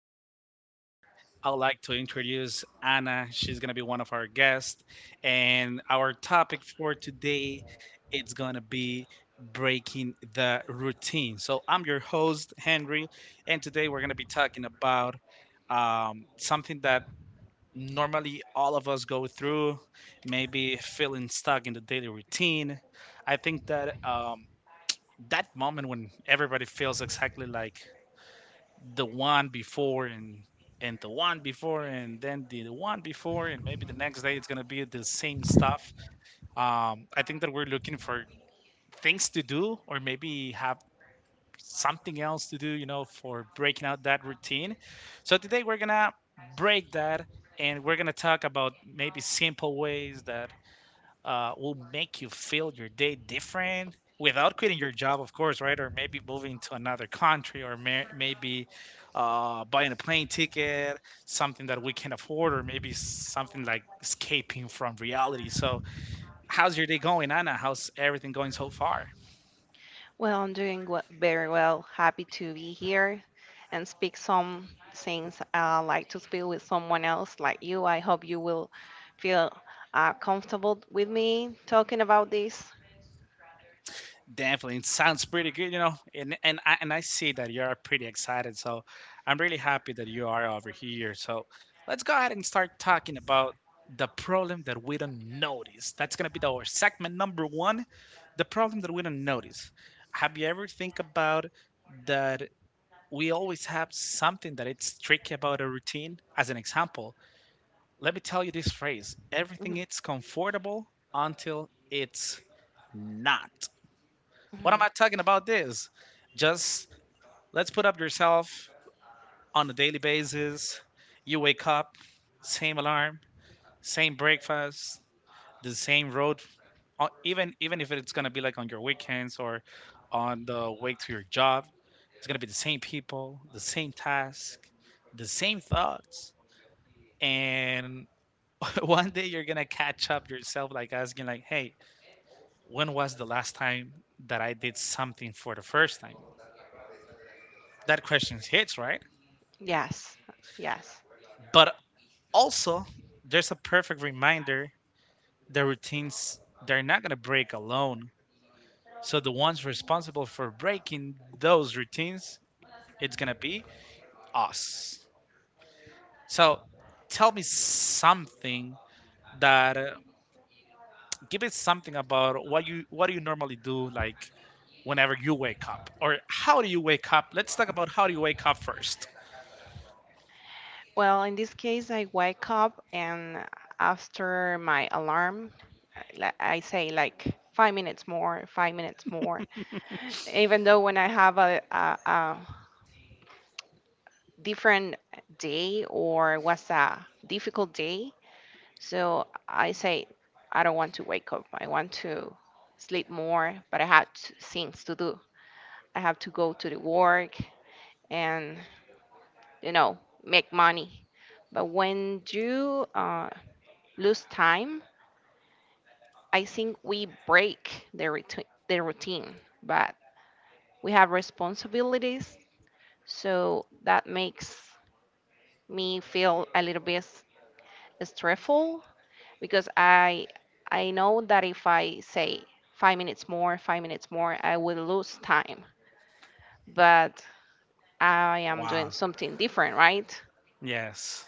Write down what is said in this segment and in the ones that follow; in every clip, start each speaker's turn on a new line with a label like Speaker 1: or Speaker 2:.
Speaker 1: today I'd like to introduce Anna. She's going to be one of our guests, and our topic for today it's going to be breaking the routine. So, I'm your host, Henry, and today we're going to be talking about something that normally all of us go through, maybe feeling stuck in the daily routine. I think that that moment when everybody feels exactly like the one before and the one before and then the one before and maybe the next day it's gonna be the same stuff. I think that we're looking for things to do or maybe have something else to do, you know, for breaking out that routine. So today we're gonna break that and we're gonna talk about maybe simple ways that will make you feel your day different without quitting your job, of course, right? Or maybe moving to another country or maybe buying a plane ticket, something that we can afford, or maybe something like escaping from reality. So, how's your day going, Anna? How's everything going so far?
Speaker 2: Well, I'm doing very well. Happy to be here and speak some things I like to speak with someone else like you. I hope you will feel comfortable with me talking about this.
Speaker 1: Definitely, it sounds pretty good, you know, and I see that you are pretty excited, so I'm really happy that you are over here. So let's go ahead and start talking about the problem that we don't notice. That's gonna be our segment number one, the problem that we don't notice. Have you ever think about that we always have something that it's tricky about a routine? As an example, let me tell you this phrase: everything
Speaker 2: Mhm,
Speaker 1: is comfortable until it's not. What am I
Speaker 2: mhm.
Speaker 1: talking about this? Just let's put up yourself on a daily basis. You wake up, same alarm, same breakfast, the same road. Even if it's gonna be like on your weekends or on the way to your job, it's gonna be the same people, the same task, the same thoughts. And one day you're gonna catch up yourself, like asking, like, "Hey, when was the last time that I did something for the first time?" That question hits, right?
Speaker 2: Yes, yes.
Speaker 1: But also, there's a perfect reminder: the routines, they're not going to break alone. So the ones responsible for breaking those routines, it's going to be us. So tell me something that give me something about what do you normally do, like whenever you wake up or how do you wake up? Let's talk about how do you wake up first.
Speaker 2: Well, in this case, I wake up and after my alarm, I say like 5 minutes more, 5 minutes more. Even though when I have a different day or was a difficult day. So I say, I don't want to wake up. I want to sleep more, but I had things to do. I have to go to the work and, you know, make money. But when you lose time, I think we break the routine, but we have responsibilities. So that makes me feel a little bit stressful because I know that if I say 5 minutes more, 5 minutes more, I will lose time. But I am doing
Speaker 1: Wow.
Speaker 2: something different, right?
Speaker 1: Yes.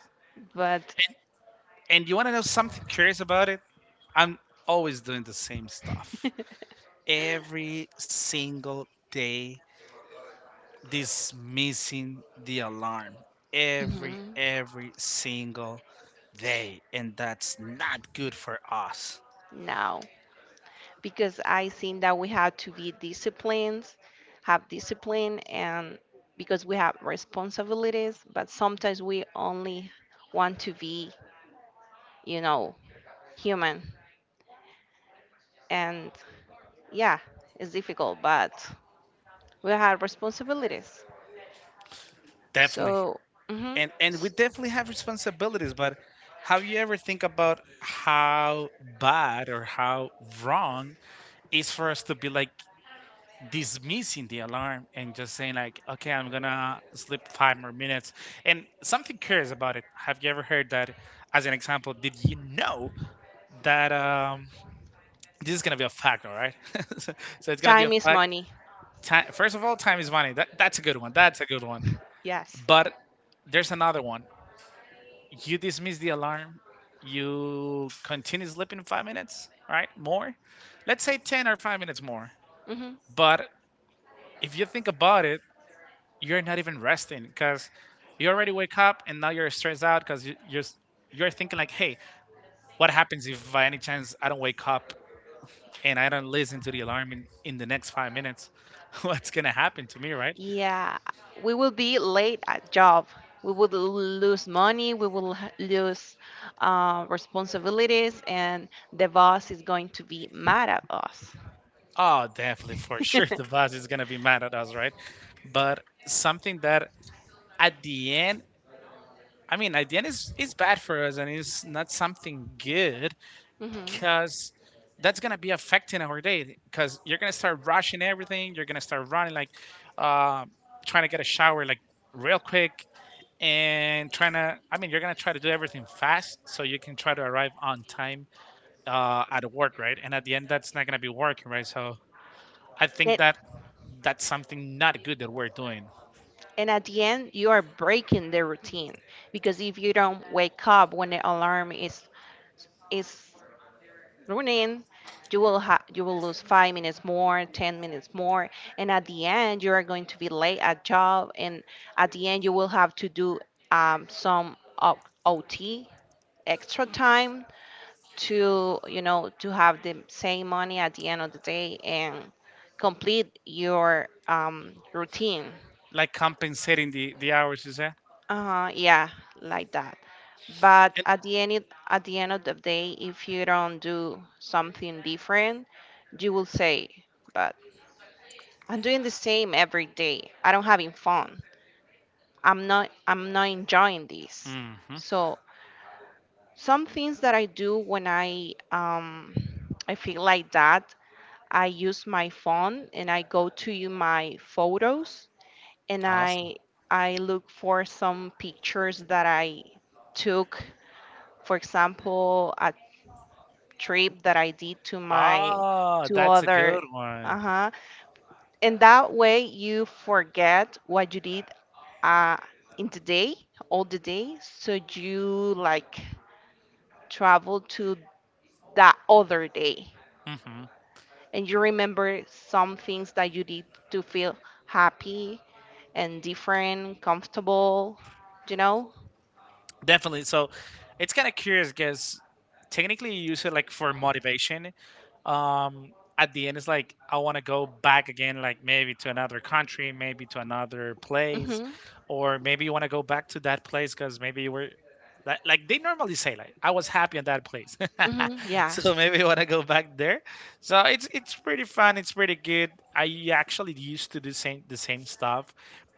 Speaker 2: But.
Speaker 1: And you want to know something curious about it? I'm always doing the same stuff. Every single day, dismissing the alarm. Every,
Speaker 2: Mhm.
Speaker 1: every single day. And that's not good for us.
Speaker 2: No, because I think that we have to be disciplined, have discipline, and because we have responsibilities. But sometimes we only want to be, you know, human, and yeah, it's difficult. But we have responsibilities.
Speaker 1: Definitely.
Speaker 2: So, mhm,
Speaker 1: And we
Speaker 2: s-
Speaker 1: definitely have responsibilities, but have you ever think about how bad or how wrong it's for us to be like dismissing the alarm and just saying like, okay, I'm gonna sleep five more minutes? And something curious about it, have you ever heard that? As an example, did you know that this is gonna be a fact, all right? so so it's gonna be a
Speaker 2: time is
Speaker 1: fact.
Speaker 2: money.
Speaker 1: Time, first of all, time is money. That's a good one, that's a good one.
Speaker 2: Yes.
Speaker 1: But there's another one. You dismiss the alarm, you continue sleeping 5 minutes, right? More. Let's say 10 or 5 minutes more.
Speaker 2: Hmm.
Speaker 1: But if you think about it, you're not even resting because you already wake up and now you're stressed out because you're thinking like, hey, what happens if by any chance I don't wake up and I don't listen to the alarm in the next 5 minutes? What's gonna happen to me, right?
Speaker 2: Yeah, we will be late at job. We would lose money. We will lose responsibilities, and the boss is going to be mad at us.
Speaker 1: Oh, definitely, for sure the boss is gonna be mad at us, right? But something that at the end, I mean, at the end is bad for us and it's not something good,
Speaker 2: Hmm.
Speaker 1: because that's gonna be affecting our day because you're gonna start rushing everything, you're gonna start running like uh, trying to get a shower like real quick and trying to, I mean, you're gonna try to do everything fast so you can try to arrive on time at work, right? And at the end that's not gonna be working right. So I think
Speaker 2: And,
Speaker 1: that that's something not good that we're doing.
Speaker 2: and at the end, you are breaking the routine because if you don't wake up when the alarm is running, you will you will lose 5 minutes more, 10 minutes more, and at the end you are going to be late at job, and at the end you will have to do some o- ot extra time to to have the same money at the end of the day and complete your routine.
Speaker 1: Like compensating the hours, you say.
Speaker 2: Yeah, like that. But at the end, at the end of the day, if you don't do something different, you will say, "But I'm doing the same every day. I don't having fun. I'm not. I'm not enjoying this."
Speaker 1: And hmm,
Speaker 2: So some things that I do when I I feel like that, I use my phone and I go to you my photos and
Speaker 1: awesome.
Speaker 2: I look for some pictures that I took. For example, a trip that I did to my
Speaker 1: Ah,
Speaker 2: to
Speaker 1: that's a
Speaker 2: other.
Speaker 1: good one.
Speaker 2: Uh-huh. And that way you forget what you did uh in the day, all the day, so you like travel to that other day
Speaker 1: Hmm.
Speaker 2: and you remember some things that you did to feel happy and different, comfortable, you know?
Speaker 1: Definitely. So it's kind of curious because technically you use it like for motivation. Um, at the end, it's like I want to go back again, like maybe to another country, maybe to another place,
Speaker 2: Mhm.
Speaker 1: or maybe you want to go back to that place because maybe you were like they normally say, like, I was happy in that place,
Speaker 2: Mhm. Yeah.
Speaker 1: so maybe you want to go back there. So it's pretty fun. It's pretty good. I actually used to do same the same stuff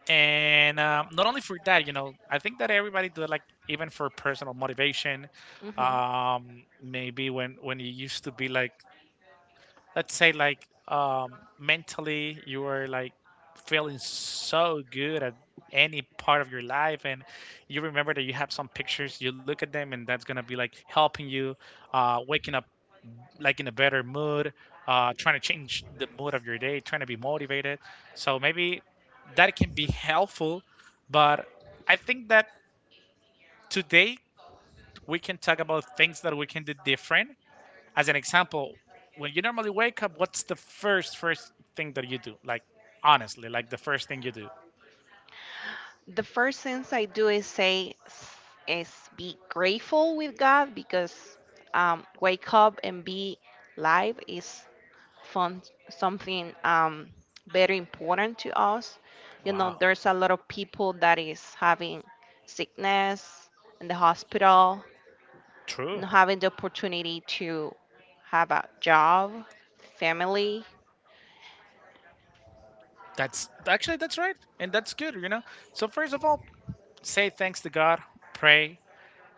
Speaker 1: and not only for that, you know, I think that everybody do like, even for personal motivation.
Speaker 2: Mhm.
Speaker 1: Maybe when you used to be like, let's say like mentally you were like feeling so good at any part of your life and you remember that you have some pictures, you look at them and that's going to be like helping you waking up like in a better mood, trying to change the mood of your day, trying to be motivated. So maybe that can be helpful. But I think that today we can talk about things that we can do different. As an example, when you normally wake up, what's the first thing that you do? Like honestly, like the first thing you do.
Speaker 2: The first things I do is is be grateful with God because wake up and be live is fun, something very important to us. You know,
Speaker 1: Wow.
Speaker 2: there's a lot of people that is having sickness in the hospital,
Speaker 1: True.
Speaker 2: not having the opportunity to have a job, family.
Speaker 1: That's actually that's right, and that's good, you know. So first of all, say thanks to God, pray,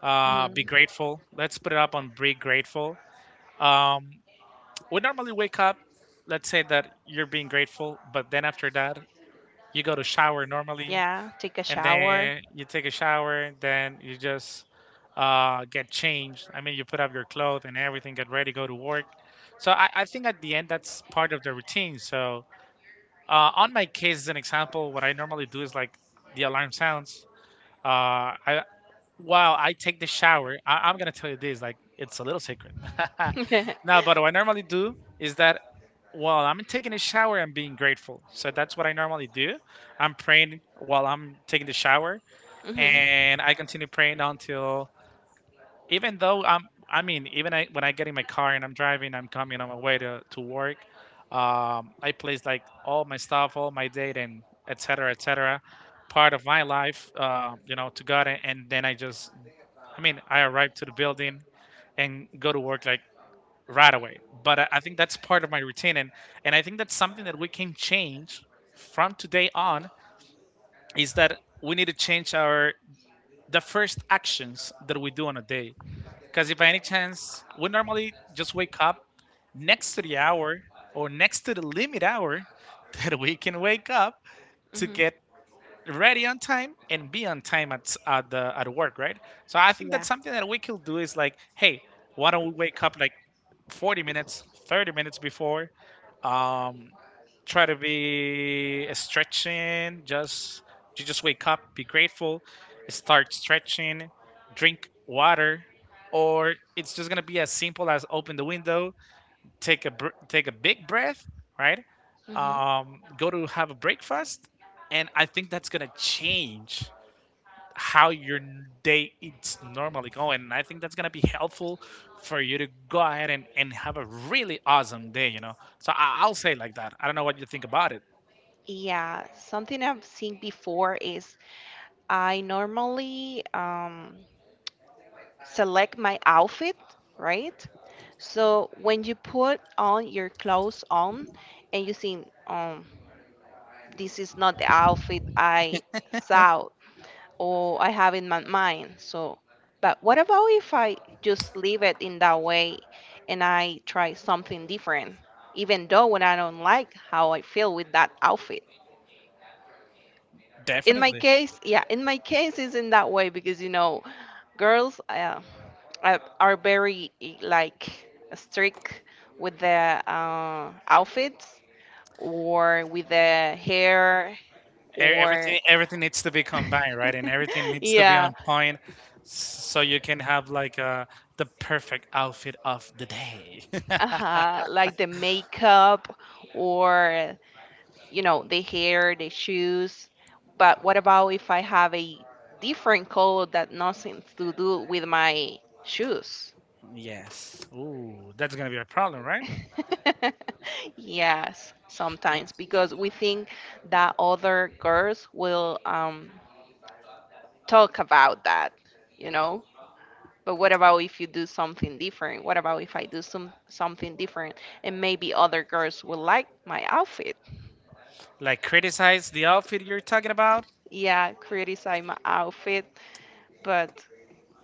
Speaker 1: be
Speaker 2: Mhm.
Speaker 1: grateful. Let's put it up on be grateful. Um, we normally wake up. Let's say that you're being grateful, but then after that, you go to shower normally.
Speaker 2: Yeah, take a
Speaker 1: And
Speaker 2: shower.
Speaker 1: then you take a shower, then you just get changed. I mean, you put up your clothes and everything, get ready, go to work. So I think at the end, that's part of the routine. So on my case, as an example, what I normally do is like the alarm sounds. I, while I take the shower, I'm gonna tell you this, like, it's a little secret. Now, but what I normally do is that while I'm taking a shower, I'm being grateful. So that's what I normally do. I'm praying while I'm taking the shower
Speaker 2: Hmm.
Speaker 1: and I continue praying until, even though I'm, I mean, even I when I get in my car and I'm driving, I'm coming on my way to work. Um, I place like all my stuff, all my data and etc etc, part of my life, you know, to God, and then I just, I mean, I arrive to the building and go to work like right away. But I think that's part of my routine, and I think that's something that we can change from today on. Is that we need to change our the first actions that we do on a day. Because if by any chance we normally just wake up next to the hour or next to the limit hour that we can wake up to
Speaker 2: Hmm.
Speaker 1: get ready on time and be on time at the at work, right? So I think
Speaker 2: Yeah.
Speaker 1: that's something that we could do is like, hey, why don't we wake up like 40 minutes, 30 minutes before. Um, try to be stretching. Just you just wake up, be grateful, start stretching, drink water, or it's just gonna be as simple as open the window, take a take a big breath, right? Go to have a breakfast, and I think that's gonna change how your day it's normally going. And I think that's gonna be helpful for you to go ahead and have a really awesome day, you know. So I'll say it like that. I don't know what you think about it.
Speaker 2: Yeah, something I've seen before is I normally select my outfit, right? So when you put on your clothes on and you think, this is not the outfit I saw or I have in my mind. So, but what about if I just leave it in that way and I try something different, even though when I don't like how I feel with that outfit? In my
Speaker 1: Definitely.
Speaker 2: case, yeah, in my case is in that way because you know girls are very like strict with their outfits or with their hair or.
Speaker 1: Everything needs to be combined, right? And everything needs to be
Speaker 2: Yeah.
Speaker 1: on point so you can have like the perfect outfit of the day.
Speaker 2: Uh-huh, like the makeup or the hair, the shoes. But what about if I have a different color that nothing to do with my shoes?
Speaker 1: Yes. Ooh, that's gonna be a problem, right?
Speaker 2: Yes,
Speaker 1: Y-
Speaker 2: sometimes because we think that other girls will talk about that, you know. But what about if you do something different? What about if I do something different and maybe other girls will like my outfit?
Speaker 1: Like criticize the outfit you're talking about?
Speaker 2: Yeah, criticize my outfit, but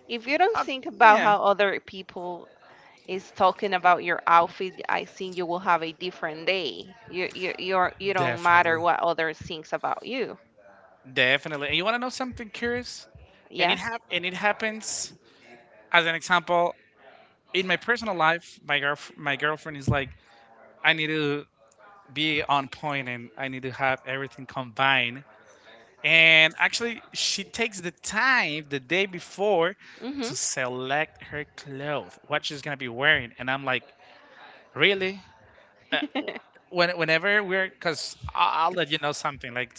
Speaker 2: if you don't
Speaker 1: Uh,
Speaker 2: think about
Speaker 1: yeah.
Speaker 2: how other people is talking about your outfit, I think you will have a different day. You don't matter
Speaker 1: Definitely.
Speaker 2: what others thinks about you.
Speaker 1: Definitely. And you want to know something curious? And
Speaker 2: Yeah.
Speaker 1: it and it happens, as an example, in my personal life. My my girlfriend is like, I need to be on point and I need to have everything combined. And actually, she takes the time the day before
Speaker 2: Mhm.
Speaker 1: to select her clothes, what she's gonna be wearing. And I'm like, really? Uh, whenever we're, I'll let you know something. Like,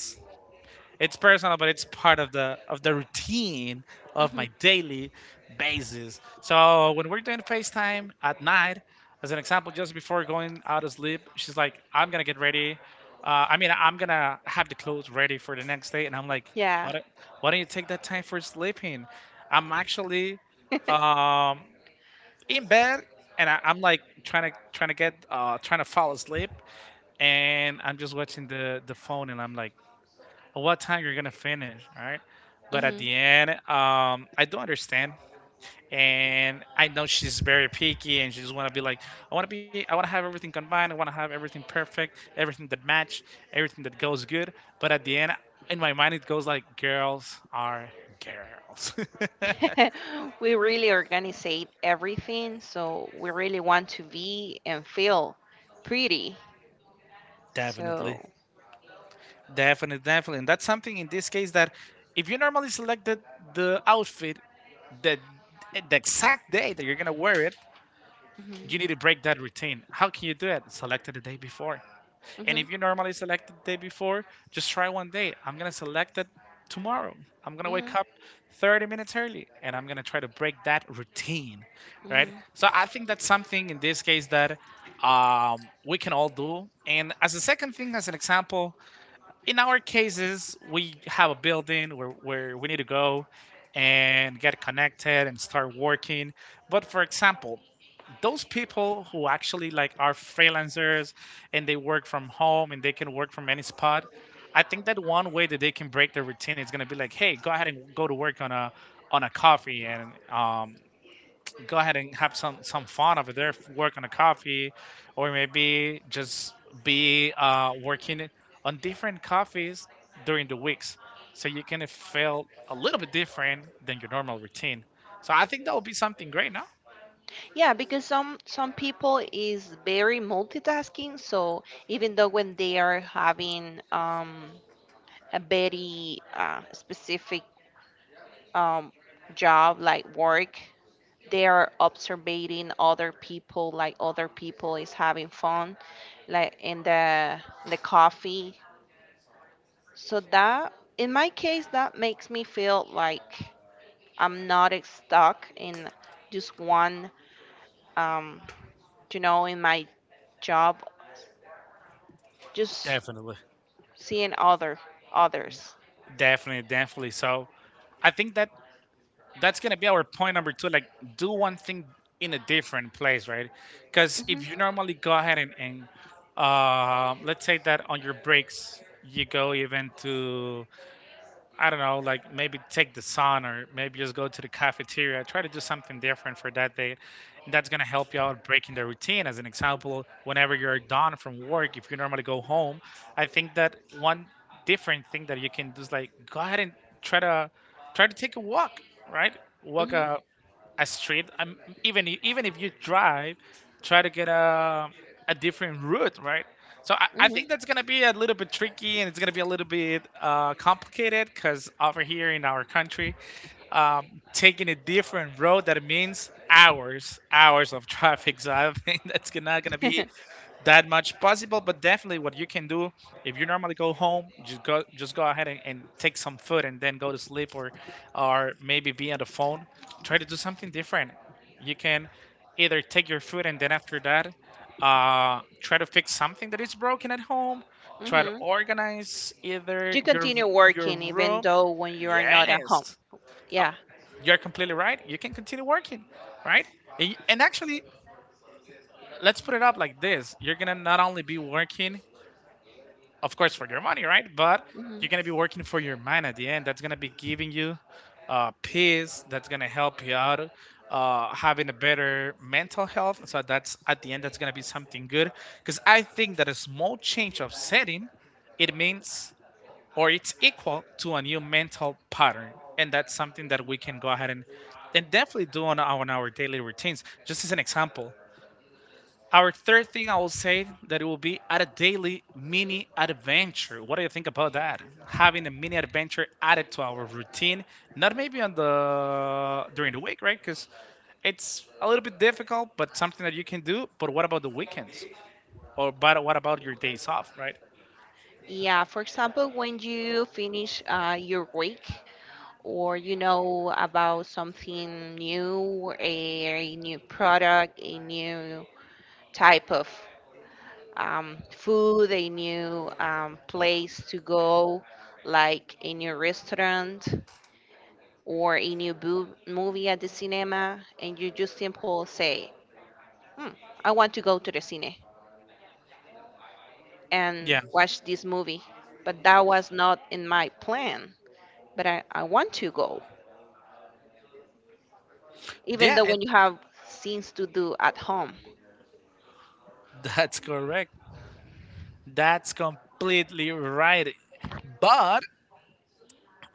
Speaker 1: it's personal, but it's part of the routine of
Speaker 2: Mhm.
Speaker 1: my daily basis. So when we're doing FaceTime at night, as an example, just before going out to sleep, she's like, "I'm gonna get ready." I'm gonna have the clothes ready for the next day, and I'm like,
Speaker 2: Yeah.
Speaker 1: "Why don't, why don't you take that time for sleeping?" I'm actually um, in bed, and I'm like trying to fall asleep, and I'm just watching the phone, and I'm like, or what time you're gonna finish, all right? But at
Speaker 2: Mhm.
Speaker 1: the end, I do understand, and I know she's very picky, and she just wanna be like, I wanna have everything combined, I wanna have everything perfect, everything that match, everything that goes good. But at the end, in my mind, it goes like, girls are girls.
Speaker 2: We really organizate everything, so we really want to be and feel pretty.
Speaker 1: Definitely.
Speaker 2: So.
Speaker 1: Definitely, definitely. And that's something in this case that if you normally selected the outfit, the the exact day that you're gonna wear it, you
Speaker 2: Mhm.
Speaker 1: need to break that routine. How can you do it? Select it the day before. And
Speaker 2: Mhm.
Speaker 1: if you normally select it the day before, just try one day. I'm going to select it tomorrow. I'm going to wake
Speaker 2: Mhm.
Speaker 1: up 30 minutes early and I'm going to try to break that routine, right?
Speaker 2: Mhm.
Speaker 1: So I think that's something in this case that we can all do. And as a second thing, as an example, in our cases, we have a building where we need to go and get connected and start working. But for example, those people who actually like are freelancers and they work from home and they can work from any spot, I think that one way that they can break their routine is going to be like, hey, go ahead and go to work on a coffee, and go ahead and have some fun over there, work on a coffee, or maybe just be working on different coffees during the weeks, so you can feel a little bit different than your normal routine. So I think that would be something great, no?
Speaker 2: Yeah, because some people is very multitasking. So even though when they are having a very specific um, job like work, they are observing other people like other people is having fun like in the coffee, so that in my case that makes me feel like I'm not stuck in just one um in my job, just
Speaker 1: Definitely.
Speaker 2: seeing other others.
Speaker 1: Definitely, definitely. So I think that that's gonna be our point number two. Like, do one thing in a different place, right? Because
Speaker 2: Hmm.
Speaker 1: if you normally go ahead and let's say that on your breaks you go even to, I don't know, like maybe take the sun or maybe just go to the cafeteria. Try to do something different for that day. And that's gonna help you out breaking the routine. As an example, whenever you're done from work, if you normally go home, I think that one different thing that you can do is like go ahead and try to try to take a walk, right? Walk
Speaker 2: Hmm.
Speaker 1: a street. Even if you drive, try to get a different route, right? So I
Speaker 2: Hmm.
Speaker 1: think that's gonna be a little bit tricky and it's gonna be a little bit complicated because over here in our country, taking a different road, that means hours, hours of traffic. So I think that's not gonna be that much possible, but definitely what you can do if you normally go home, just go ahead and take some food and then go to sleep, or maybe be on the phone, try to do something different. You can either take your food and then after that, try to fix something that is broken at home, try to
Speaker 2: Hmm.
Speaker 1: organize either
Speaker 2: You continue
Speaker 1: your
Speaker 2: working even
Speaker 1: room,
Speaker 2: though when you are not at home.
Speaker 1: yes. uh,
Speaker 2: Yeah.
Speaker 1: you're completely right, you can continue working, right? And actually, let's put it up like this, you're gonna not only be working, of course, for your money, right? But you're gonna be working for your mind. At the end, that's gonna be giving you peace, that's gonna help you out having a better mental health. So that's, at the end, that's gonna be something good. Because I think that a small change of setting, it means, or it's equal to, a new mental pattern. And that's something that we can go ahead and definitely do on our daily routines. Just as an example, our third thing, I will say that it will be at a daily mini adventure. What do you think about that? Having a mini adventure added to our routine, not maybe on the during the week, right? Because it's a little bit difficult, but something that you can do. But what about the weekends? Or but what about your days off, right?
Speaker 2: Yeah, for example, when you finish your week or you know about something new, a new product, a new type of food, a new place to go, like a new restaurant or a movie at the cinema, and you just simple say, hmm, I want to go to the cine
Speaker 1: Yeah,
Speaker 2: and watch this movie, but that was not in my plan, but I want to go even
Speaker 1: yeah,
Speaker 2: though
Speaker 1: and
Speaker 2: when you have things to do at home.
Speaker 1: that's correct. That's completely right. But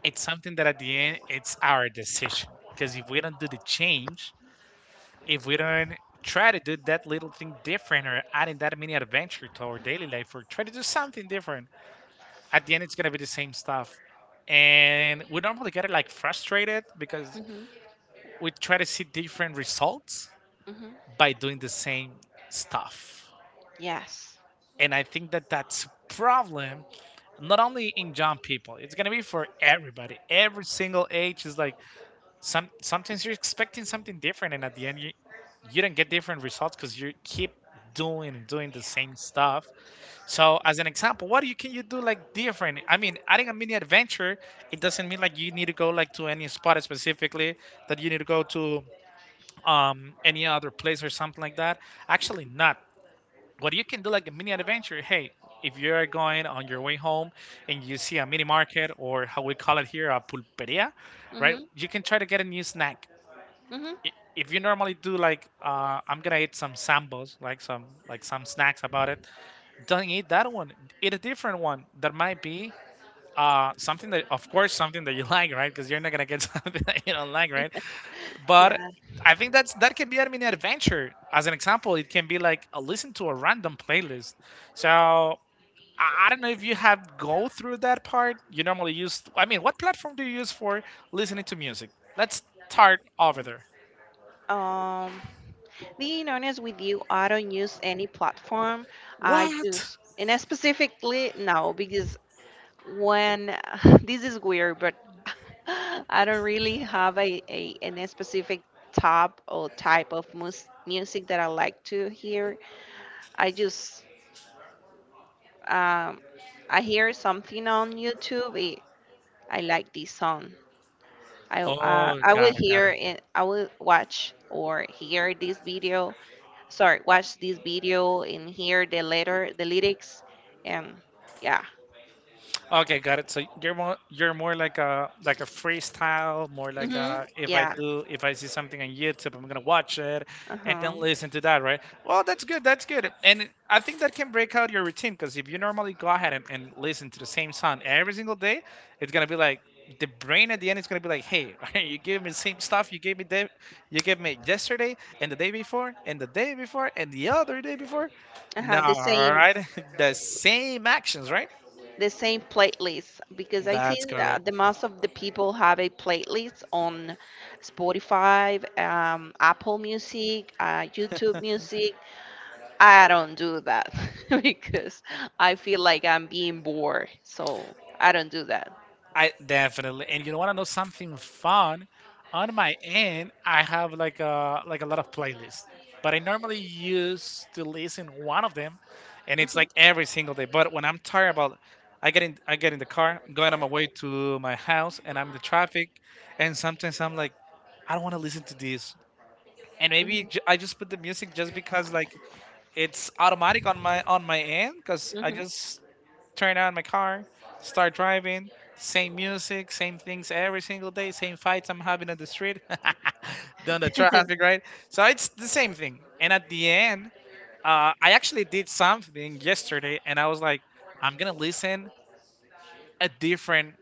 Speaker 1: it's something that at the end, it's our decision. Because if we don't do the change, if we don't try to do that little thing different or adding that mini adventure to our daily life or try to do something different, at the end it's gonna be the same stuff. And we normally get it like frustrated because
Speaker 2: Hmm.
Speaker 1: we try to see different results
Speaker 2: Hmm.
Speaker 1: by doing the same stuff.
Speaker 2: Yes.
Speaker 1: And I think that that's a problem, not only in young people. It's gonna be for everybody. Every single age is like, sometimes you're expecting something different and at the end you you don't get different results because you keep doing and doing the same stuff. So as an example, what you can you do, like different, I mean, adding a mini adventure, it doesn't mean like you need to go like to any spot specifically that you need to go to, any other place or something like that. Actually not. What you can do, like a mini adventure, hey, if you are going on your way home and you see a mini market, or how we call it here, a pulperia, right?
Speaker 2: Hmm.
Speaker 1: You can try to get a new snack.
Speaker 2: Hmm.
Speaker 1: If you normally do like, I'm gonna eat some sambos, like some snacks about it, don't eat that one. Eat a different one that might be something that, of course, something that you like, right? Because you're not gonna get something that you don't like, right? But
Speaker 2: Yeah.
Speaker 1: I think that's that can be a mini adventure. As an example, it can be like a listen to a random playlist. So I don't know if you have go through that part. You normally use. I mean, what platform do you use for listening to music? Let's start over there.
Speaker 2: Um, Being honest with you, I don't use any platform. I
Speaker 1: What?
Speaker 2: just, and I specifically, no, because when this is weird, but I don't really have a specific top or type of music that I like to hear. I just, um, I hear something on YouTube. It, I like this song. I uh,
Speaker 1: Oh,
Speaker 2: I would
Speaker 1: cara,
Speaker 2: hear
Speaker 1: cara.
Speaker 2: and I would watch or hear this video. Sorry, watch this video and hear the letter, the lyrics, and yeah.
Speaker 1: Okay, got it. So you're more, you're more like a freestyle, more like
Speaker 2: Mhm.
Speaker 1: a, if I
Speaker 2: Yeah.
Speaker 1: do, if I see something on YouTube, I'm gonna watch it
Speaker 2: Uh
Speaker 1: and then
Speaker 2: huh.
Speaker 1: listen to that, right? Well, that's good. That's good. And it- I think that can break out your routine, because if you normally go ahead and listen to the same song every single day, it's gonna be like the brain at the end is gonna be like, hey, you gave me the same stuff you gave me day, you gave me yesterday and the day before and the day before and the other day before.
Speaker 2: Uh
Speaker 1: No,
Speaker 2: huh. The
Speaker 1: all
Speaker 2: same,
Speaker 1: right, the same actions, right?
Speaker 2: the same playlist because I
Speaker 1: That's
Speaker 2: seen the,
Speaker 1: correct.
Speaker 2: the most of the people have a playlist on Spotify, Apple Music, YouTube Music. I don't do that because I feel like I'm being bored, so I don't do that.
Speaker 1: I definitely. And you know what? I know something fun. On my end, I have like a lot of playlists, but I normally use to listen one of them, and it's
Speaker 2: Mhm.
Speaker 1: like every single day. But when I'm tired about, I get in the car, I'm going on my way to my house, and I'm in the traffic, and sometimes I'm like, I don't want to listen to this, and maybe
Speaker 2: Mhm.
Speaker 1: ju- I just put the music just because like it's automatic on my end, because I
Speaker 2: Mhm.
Speaker 1: just turn on my car, start driving. Same music, same things every single day. Same fights I'm having on the street, down the traffic, right? So it's the same thing. And at the end, I actually did something yesterday, and I was like, I'm gonna listen a different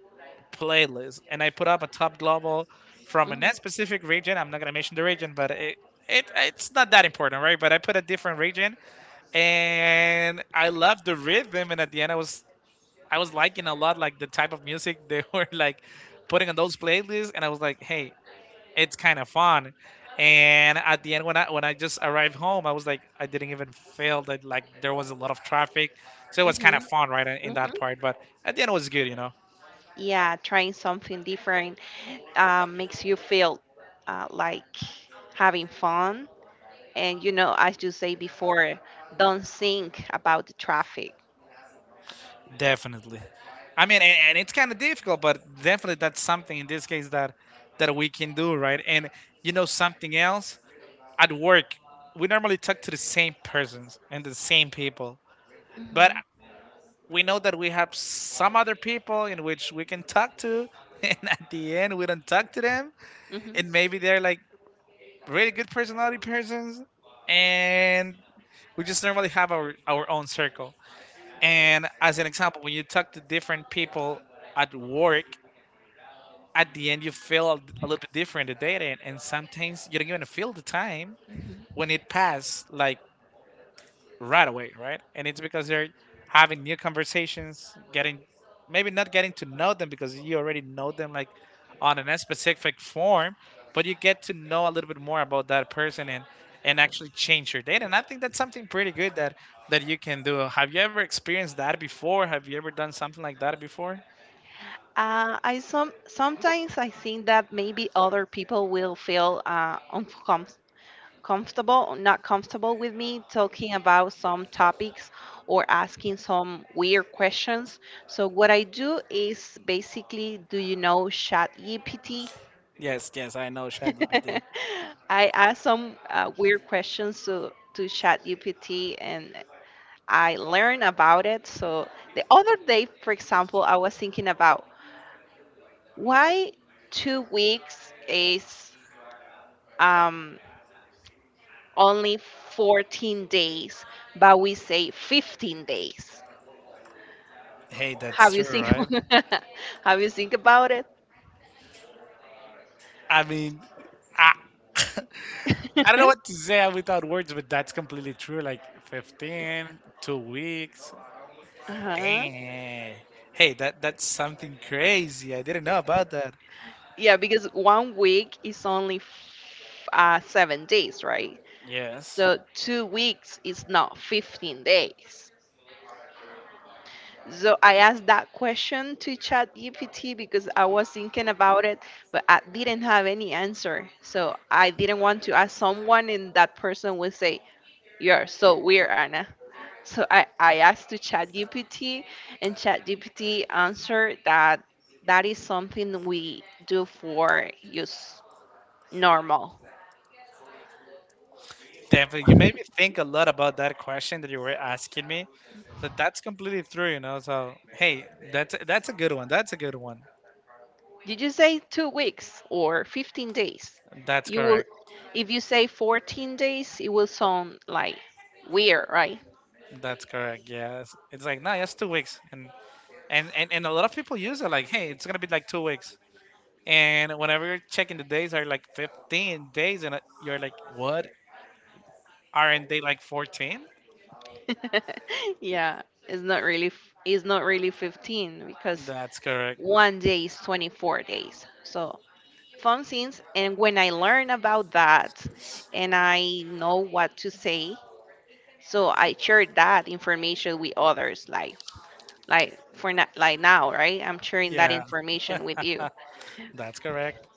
Speaker 1: playlist, and I put up a top global from a
Speaker 2: Mhm.
Speaker 1: net specific region. I'm not gonna mention the region, but it it's not that important, right? But I put a different region and I loved the rhythm. And at the end, I was liking a lot like the type of music they were like putting on those playlists, and I was like, hey, it's kind of fun. And at the end, when I just arrived home, I was like, I didn't even feel that like there was a lot of traffic, so it was kind of
Speaker 2: Mhm.
Speaker 1: fun, right, in
Speaker 2: Mhm.
Speaker 1: that part. But at the end, it was good, you know,
Speaker 2: Yeah, trying something different makes you feel like having fun. And you know, as you say before, don't think about the traffic.
Speaker 1: definitely. I mean, and it's kind of difficult, but definitely that's something in this case that we can do, right? And you know something else? At work, we normally talk to the same persons and the same people. But
Speaker 2: Mhm.
Speaker 1: we know that we have some other people in which we can talk to, and at the end, we don't talk to them.
Speaker 2: Mhm.
Speaker 1: And maybe they're like really good personality persons, and we just normally have our own circle. And as an example, when you talk to different people at work, at the end, you feel a little bit different the data, and sometimes you don't even feel the time
Speaker 2: Mhm.
Speaker 1: when it passed. Like right away, right? And it's because they're having new conversations, getting maybe not getting to know them because you already know them like on a specific form, but you get to know a little bit more about that person and actually change your data. And I think that's something pretty good that you can do. Have you ever experienced that before? Have you ever done something like that before?
Speaker 2: I sometimes I think that maybe other people will feel uncom comfortable not comfortable with me talking about some topics or asking some weird questions. So what I do is basically, do you know ChatGPT?
Speaker 1: Yes, yes, I know ChatGPT.
Speaker 2: I ask some weird questions to ChatGPT and I learn about it. So the other day, for example, I was thinking about why 2 weeks is um, only 14 days, but we say 15 days.
Speaker 1: Hey, that's
Speaker 2: Have you
Speaker 1: true,
Speaker 2: think?
Speaker 1: right?
Speaker 2: Have you think about it?
Speaker 1: I mean, I, I don't know what to say without words, but that's completely true. Like 15, 2 weeks.
Speaker 2: Uh-huh.
Speaker 1: Dang. Hey, that that's something crazy. I didn't know about that.
Speaker 2: Yeah, because one week is only 7 days, right?
Speaker 1: Yes.
Speaker 2: So 2 weeks is not 15 days. So I asked that question to Chat GPT because I was thinking about it, but I didn't have any answer. So I didn't want to ask someone, and that person would say, "You're so weird, Anna." So I asked to ChatGPT, and ChatGPT answered that that is something we do for use normal.
Speaker 1: Definitely. You made me think a lot about that question that you were asking me. So that's completely true, you know. So hey, that's a good one. That's a good one.
Speaker 2: Did you say 2 weeks or 15 days?
Speaker 1: That's
Speaker 2: You will,
Speaker 1: correct.
Speaker 2: if you say 14 days, it will sound like weird, right?
Speaker 1: That's correct. Yes. It's like no, that's 2 weeks, and and a lot of people use it like, hey, it's gonna be like 2 weeks. And whenever you're checking the days are like 15 days, and you're like, what? Aren't they like 14?
Speaker 2: Yeah, it's not really 15 because
Speaker 1: That's correct.
Speaker 2: one day is 24 days. So fun scenes. And when I learn about that and I know what to say, so I share that information with others. Like now, right? I'm sharing that
Speaker 1: Yeah,
Speaker 2: information with you.
Speaker 1: that's correct.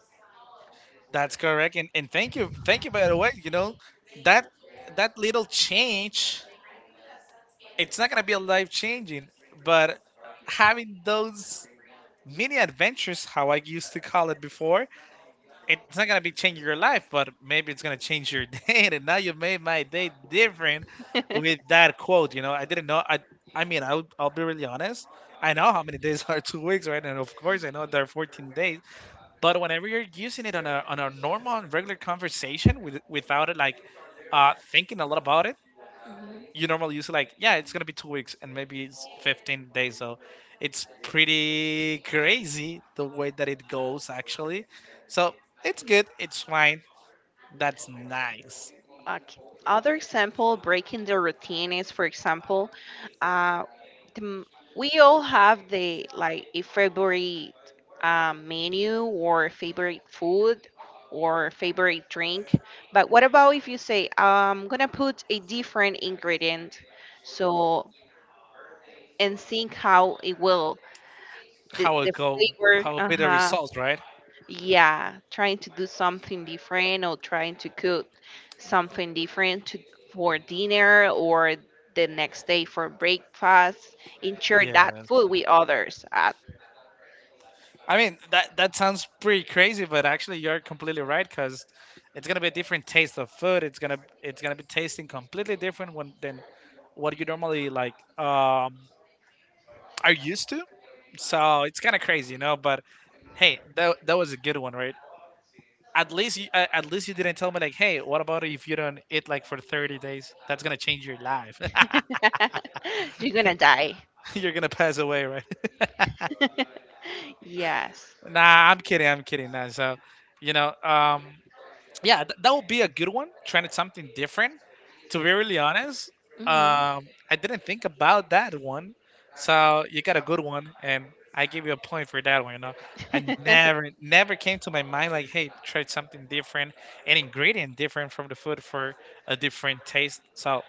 Speaker 1: That's correct. And thank you. Thank you, by the way. You know, that that little change, it's not going to be a life changing, but having those mini adventures, how I used to call it before, it's not gonna be changing your life, but maybe it's gonna change your day. And now you made my day different with that quote. You know, I didn't know. I mean, I'll be really honest. I know how many days are 2 weeks, right? And of course, I know there are 14 days. But whenever you're using it on a normal and regular conversation with without it like thinking a lot about it, you normally use like, yeah, it's gonna be 2 weeks and maybe it's 15 days, so it's pretty crazy the way that it goes actually. So it's good, it's fine, that's nice.
Speaker 2: Okay. Other example, breaking the routine is, for example, uh, the, m- we all have the like a favorite menu or favorite food or favorite drink. But what about if you say, I'm gonna put a different ingredient, so and think how it will the,
Speaker 1: How it
Speaker 2: the
Speaker 1: go,
Speaker 2: flavor.
Speaker 1: how it
Speaker 2: Uh
Speaker 1: be the
Speaker 2: huh.
Speaker 1: results, right?
Speaker 2: Yeah, trying to do something different or trying to cook something different to, for dinner or the next day for breakfast and share that
Speaker 1: Yeah,
Speaker 2: food with others.
Speaker 1: I mean that that sounds pretty crazy but actually you're completely right because it's gonna be a different taste of food. It's gonna be tasting completely different when, than what you normally like, um are used to. So it's kind of crazy, you know, but hey, that that was a good one, right? At least you a- at least you didn't tell me like, hey, what about if you don't eat like for 30 days? That's gonna change your life.
Speaker 2: You're gonna die.
Speaker 1: You're gonna pass away, right?
Speaker 2: Yes.
Speaker 1: Nah, I'm kidding. I'm kidding. Nah, so you know, yeah, th- that would be a good one. Trying something different. To be really honest,
Speaker 2: Hmm.
Speaker 1: um, I didn't think about that one. So you got a good one, and I give you a point for that one. You know, I never, never came to my mind like, hey, try something different, an ingredient different from the food for a different taste. So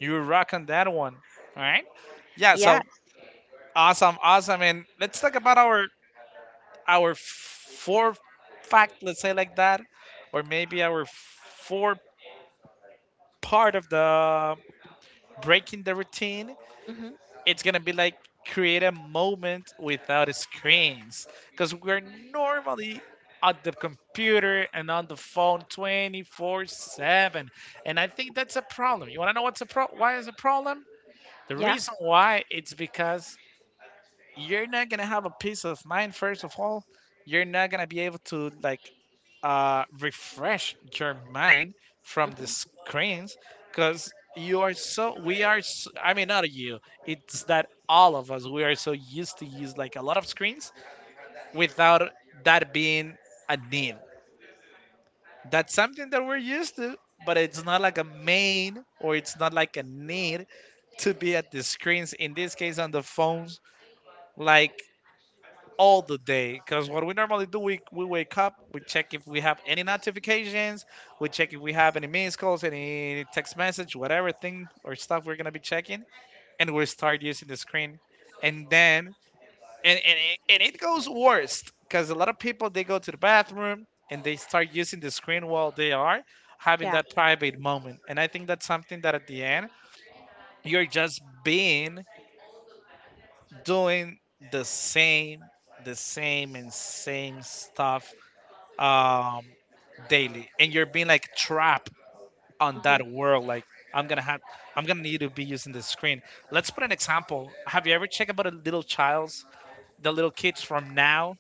Speaker 1: you rock on that one, all right? Yeah. So
Speaker 2: Yes.
Speaker 1: awesome, awesome, and let's talk about our four fact, let's say like that, or maybe our four part of the um, breaking the routine.
Speaker 2: Hmm.
Speaker 1: It's gonna be like create a moment without screens because we're normally at the computer and on the phone 24/7, and I think that's a problem. You want to know what's a pro, why is a problem? The
Speaker 2: Yeah.
Speaker 1: reason why, it's because you're not gonna have a peace of mind first of all. You're not gonna be able to like refresh your mind from the
Speaker 2: Hmm.
Speaker 1: screens because you are so, we are s, I mean not you, it's that all of us, we are so used to use like a lot of screens without that being a need. That's something that we're used to, but it's not like a main, or it's not like a need to be at the screens, in this case on the phones, like all the day. Because what we normally do, we wake up, we check if we have any notifications, we check if we have any missed calls, any text message, whatever thing or stuff we're gonna be checking, and we start using the screen, and then and it goes worst because a lot of people, they go to the bathroom and they start using the screen while they are having
Speaker 2: Yeah.
Speaker 1: that private moment, and I think that's something that at the end you're just being doing the same the same and same stuff um, daily, and you're being like trapped on
Speaker 2: Hmm.
Speaker 1: that world. Like I'm gonna have, I'm gonna need to be using this screen. Let's put an example. Have you ever checked about the little childs, the little kids from now?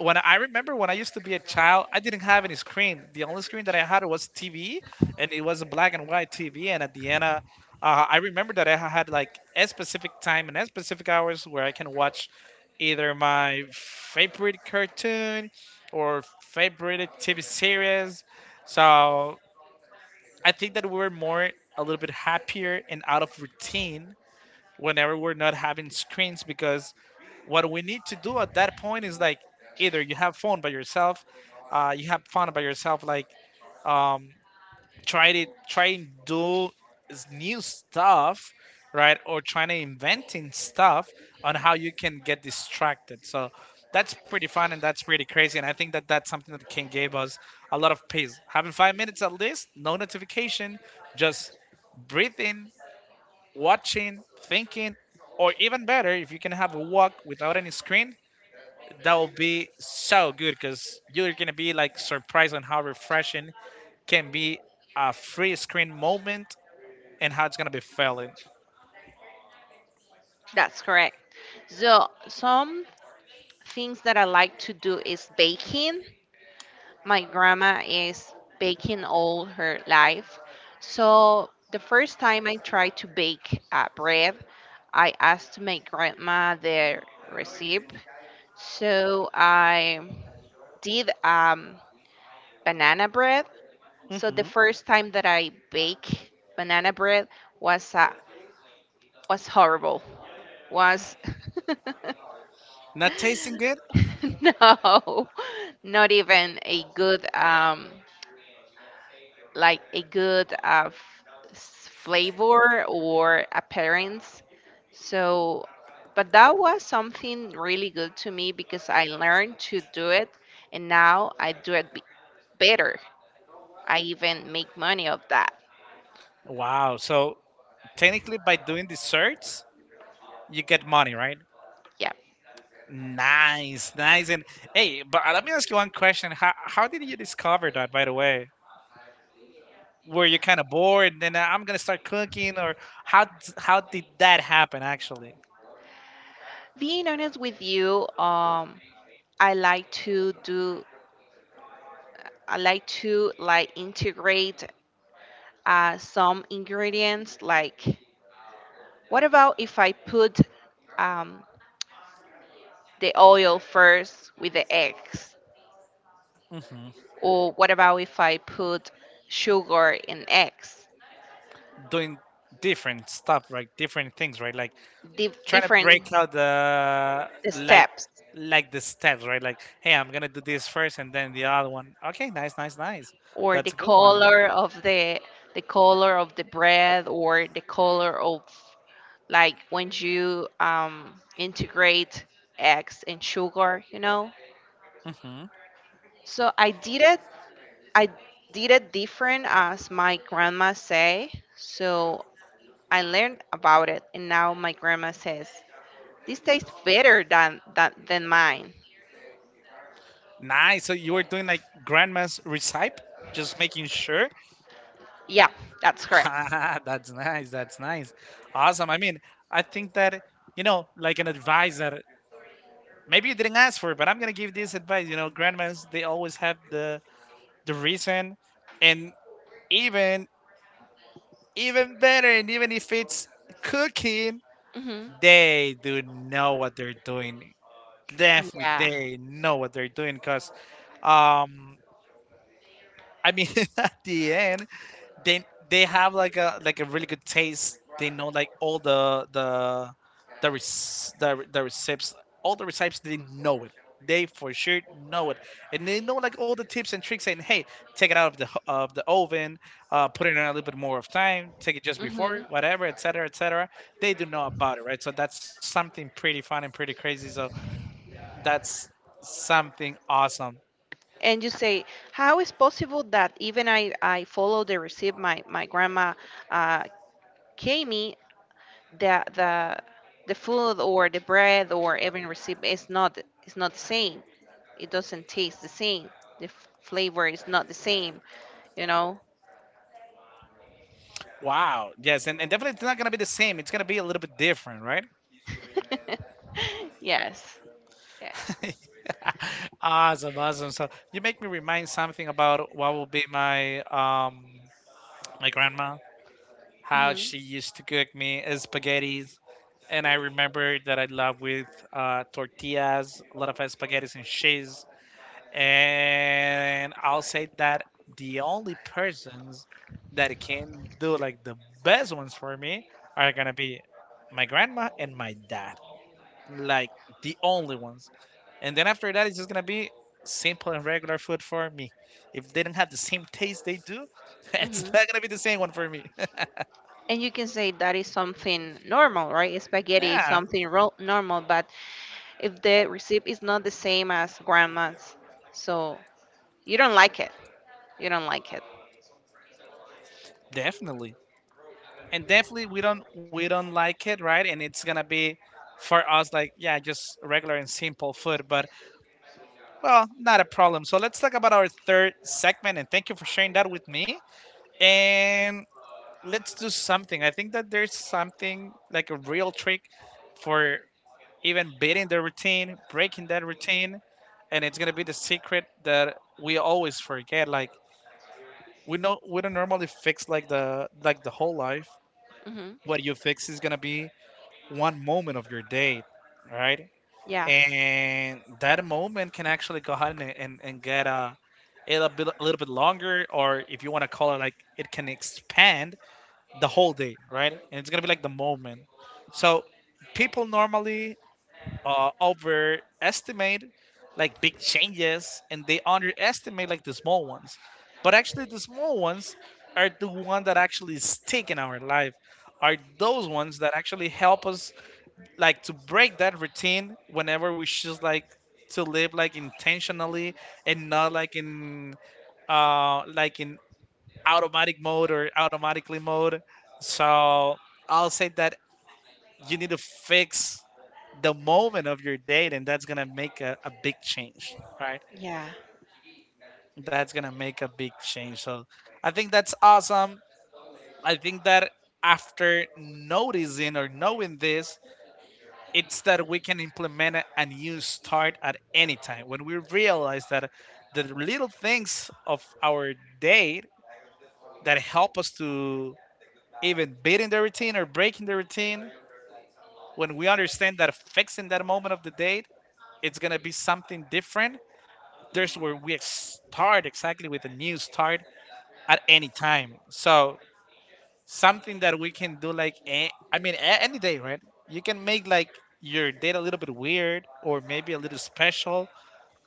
Speaker 1: When I remember when I used to be a child, I didn't have any screen. The only screen that I had was TV, and it was a black and white TV. And at the end, I remember that I had like a specific time and a specific hours where I can watch either my favorite cartoon or favorite TV series. So I think that we were more a little bit happier and out of routine whenever we're not having screens, because what we need to do at that point is like either you have fun by yourself, you have fun by yourself, like um, try to try and do s- new stuff, right? Or trying to inventing stuff on how you can get distracted. So that's pretty fun and that's pretty crazy. And I think that's something that can give us a lot of peace. Having 5 minutes at least, no notification, just breathing, watching, thinking, or even better, if you can have a walk without any screen, that will be so good because you're gonna be like surprised on how refreshing can be a free screen moment and how it's gonna be feeling.
Speaker 2: That's correct. So some things that I like to do is baking. My grandma is baking all her life. So the first time I tried to bake bread, I asked my grandma the recipe. So I did banana bread. So the
Speaker 1: Hmm.
Speaker 2: first time that I bake banana bread was uh, was horrible. Was.
Speaker 1: Not tasting good?
Speaker 2: No, not even a good like a good flavor or appearance. So, but that was something really good to me because I learned to do it and now I do it better. I even make money of that.
Speaker 1: Wow! So technically, by doing the search, you get money, right?
Speaker 2: Yeah.
Speaker 1: Nice, nice. And hey, but let me ask you one question: how did you discover that? By the way, were you kind of bored? Then I'm gonna start cooking, or how d- how did that happen actually?
Speaker 2: Being honest with you, I like to do, I like to like integrate some ingredients. Like, what about if I put um, the oil first with the eggs? Or what about if I put sugar and eggs?
Speaker 1: Doing different stuff, right? Different things, right? Like
Speaker 2: Di-
Speaker 1: trying to
Speaker 2: different
Speaker 1: break out the,
Speaker 2: the
Speaker 1: like
Speaker 2: steps
Speaker 1: the steps, right? Like, hey, I'm gonna do this first and then the other one. Okay, nice, nice, nice.
Speaker 2: or the
Speaker 1: That's a good one.
Speaker 2: color of the color of the bread or the color of like when you integrate eggs and sugar,
Speaker 1: Hmm.
Speaker 2: So I did it. I did it different as my grandma say. So I learned about it, and now my grandma says this tastes better than than mine.
Speaker 1: Nice. So you were doing like grandma's recipe, just making sure.
Speaker 2: Yeah, that's correct.
Speaker 1: That's nice. That's nice. Awesome. I mean, I think that you know, like an advice that maybe you didn't ask for, but I'm gonna give this advice. You know, grandmas, they always have the reason, and even even better, and even if it's cooking,
Speaker 2: Hmm.
Speaker 1: they do know what they're doing. Definitely
Speaker 2: Yeah.
Speaker 1: they know what they're doing, because um I mean at the end they have like a really good taste. They know like all the rec- the recipes, all the recipes. They know it. They for sure know it, and they know like all the tips and tricks. Saying, "Hey, take it out of the ho- of the oven, put it in a little bit more of time, take it just before,
Speaker 2: Hmm.
Speaker 1: whatever, etc., etc." They do know about it, right? So that's something pretty fun and pretty crazy. So that's something awesome.
Speaker 2: And you say, how is possible that even I follow the recipe my grandma uh, gave me the the the food or the bread or every recipe is not the same. It doesn't taste the same. The flavor is not the same. You know.
Speaker 1: Wow. Yes, and definitely it's not gonna be the same. It's gonna be a little bit different, right?
Speaker 2: Yes. Yes.
Speaker 1: Awesome, awesome. So you make me remind something about what will be my my grandma, how
Speaker 2: Hmm.
Speaker 1: she used to cook me spaghettis. And I remember that I love with tortillas, a lot of spaghettis and cheese. And I'll say that the only persons that can do like the best ones for me are gonna be my grandma and my dad, like the only ones. And then after that, it's just gonna be simple and regular food for me. If they don't have the same taste they do, it's
Speaker 2: Hmm.
Speaker 1: not gonna be the same one for me.
Speaker 2: And you can say that is something normal, right? Spaghetti is
Speaker 1: Yeah,
Speaker 2: something normal, but if the recipe is not the same as grandma's, so you don't like it. You don't like it.
Speaker 1: definitely. And definitely, we don't like it, right? And it's gonna be for us like, yeah, just regular and simple food. But well, not a problem. So let's talk about our third segment. And thank you for sharing that with me. And let's do something. I think that there's something like a real trick for even beating the routine, breaking that routine, and it's gonna be the secret that we always forget. Like, we know we don't normally fix like the whole life.
Speaker 2: Hmm.
Speaker 1: What you fix is gonna be one moment of your day, right?
Speaker 2: Yeah,
Speaker 1: And that moment can actually go ahead and get a little, bit, a little bit longer, or if you want to call it, like, it can expand the whole day, right? And it's gonna be like the moment. So people normally overestimate like big changes, and they underestimate like the small ones. But actually, the small ones are the one that actually stick in our life. Are those ones that actually help us like to break that routine whenever we just like to live like intentionally and not like in like in automatic mode or automatically mode. So I'll say that you need to fix the moment of your date, and that's gonna make a big change, right?
Speaker 2: yeah,
Speaker 1: That's gonna make a big change. So I think that's awesome. I think that after noticing or knowing this, it's that we can implement a new start at any time when we realize that the little things of our day that help us to even beating the routine or breaking the routine, when we understand that fixing that moment of the date, it's gonna be something different. There's where we start exactly with a new start at any time. So something that we can do like any day, right? You can make like your date a little bit weird, or maybe a little special,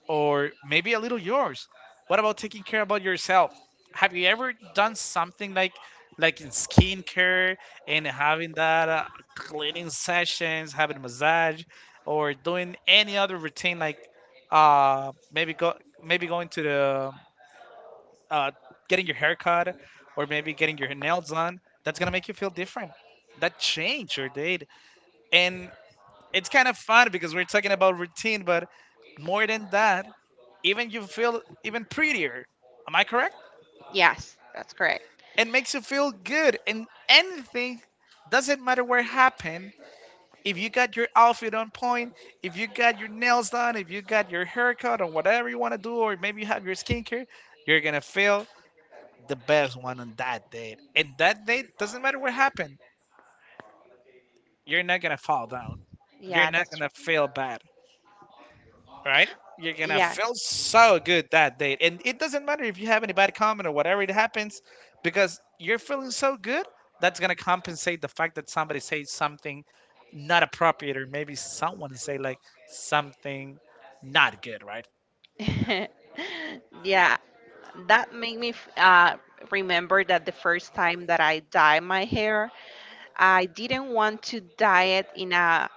Speaker 1: or maybe a little yours. What about taking care about yourself? Have you ever done something like in skincare and having that cleaning sessions, having a massage, or doing any other routine like uh maybe go maybe going to the uh getting your haircut, or maybe getting your nails done? That's gonna make you feel different. That change your date, and it's kind of fun because we're talking about routine, but more than that, even you feel even prettier. Am I correct?
Speaker 2: yes, that's correct.
Speaker 1: It makes you feel good, and anything, doesn't matter what happened. If you got your outfit on point, if you got your nails done, if you got your haircut or whatever you want to do, or maybe you have your skincare, you're gonna feel the best one on that date. And that date, doesn't matter what happened. You're not gonna fall down. You're
Speaker 2: Yeah,
Speaker 1: not
Speaker 2: that's
Speaker 1: gonna
Speaker 2: right.
Speaker 1: feel bad, right? You're gonna
Speaker 2: Yes.
Speaker 1: feel so good that day, and it doesn't matter if you have any bad comment or whatever it happens, because you're feeling so good. That's gonna compensate the fact that somebody says something not appropriate, or maybe someone say like something not good, right?
Speaker 2: Yeah, that made me remember that the first time that I dyed my hair, I didn't want to dye it in a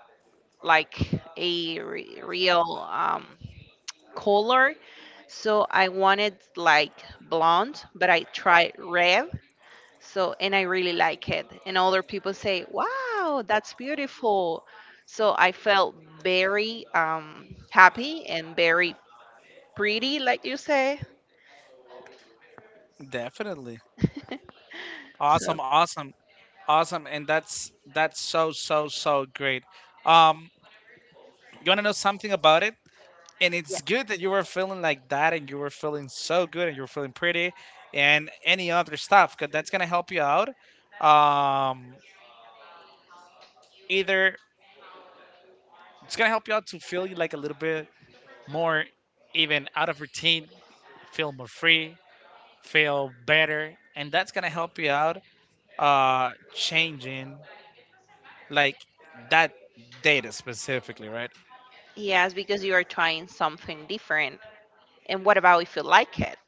Speaker 2: like a real um color. So I wanted like blonde, but I tried red. So and I really like it. And other people say, "Wow, that's beautiful." So I felt very happy and very pretty, like you say.
Speaker 1: Definitely.
Speaker 2: So
Speaker 1: Awesome, awesome, awesome, and that's so so so great. Um, you wanna know something about it? And
Speaker 2: yeah,
Speaker 1: it's good that you were feeling like that, and you were feeling so good, and you were feeling pretty and any other stuff, because that's gonna help you out, um either it's gonna help you out to feel you like a little bit more even out of routine, feel more free, feel better, and that's gonna help you out changing like that data specifically, right?
Speaker 2: yes, because you are trying something different. And what about if you like it?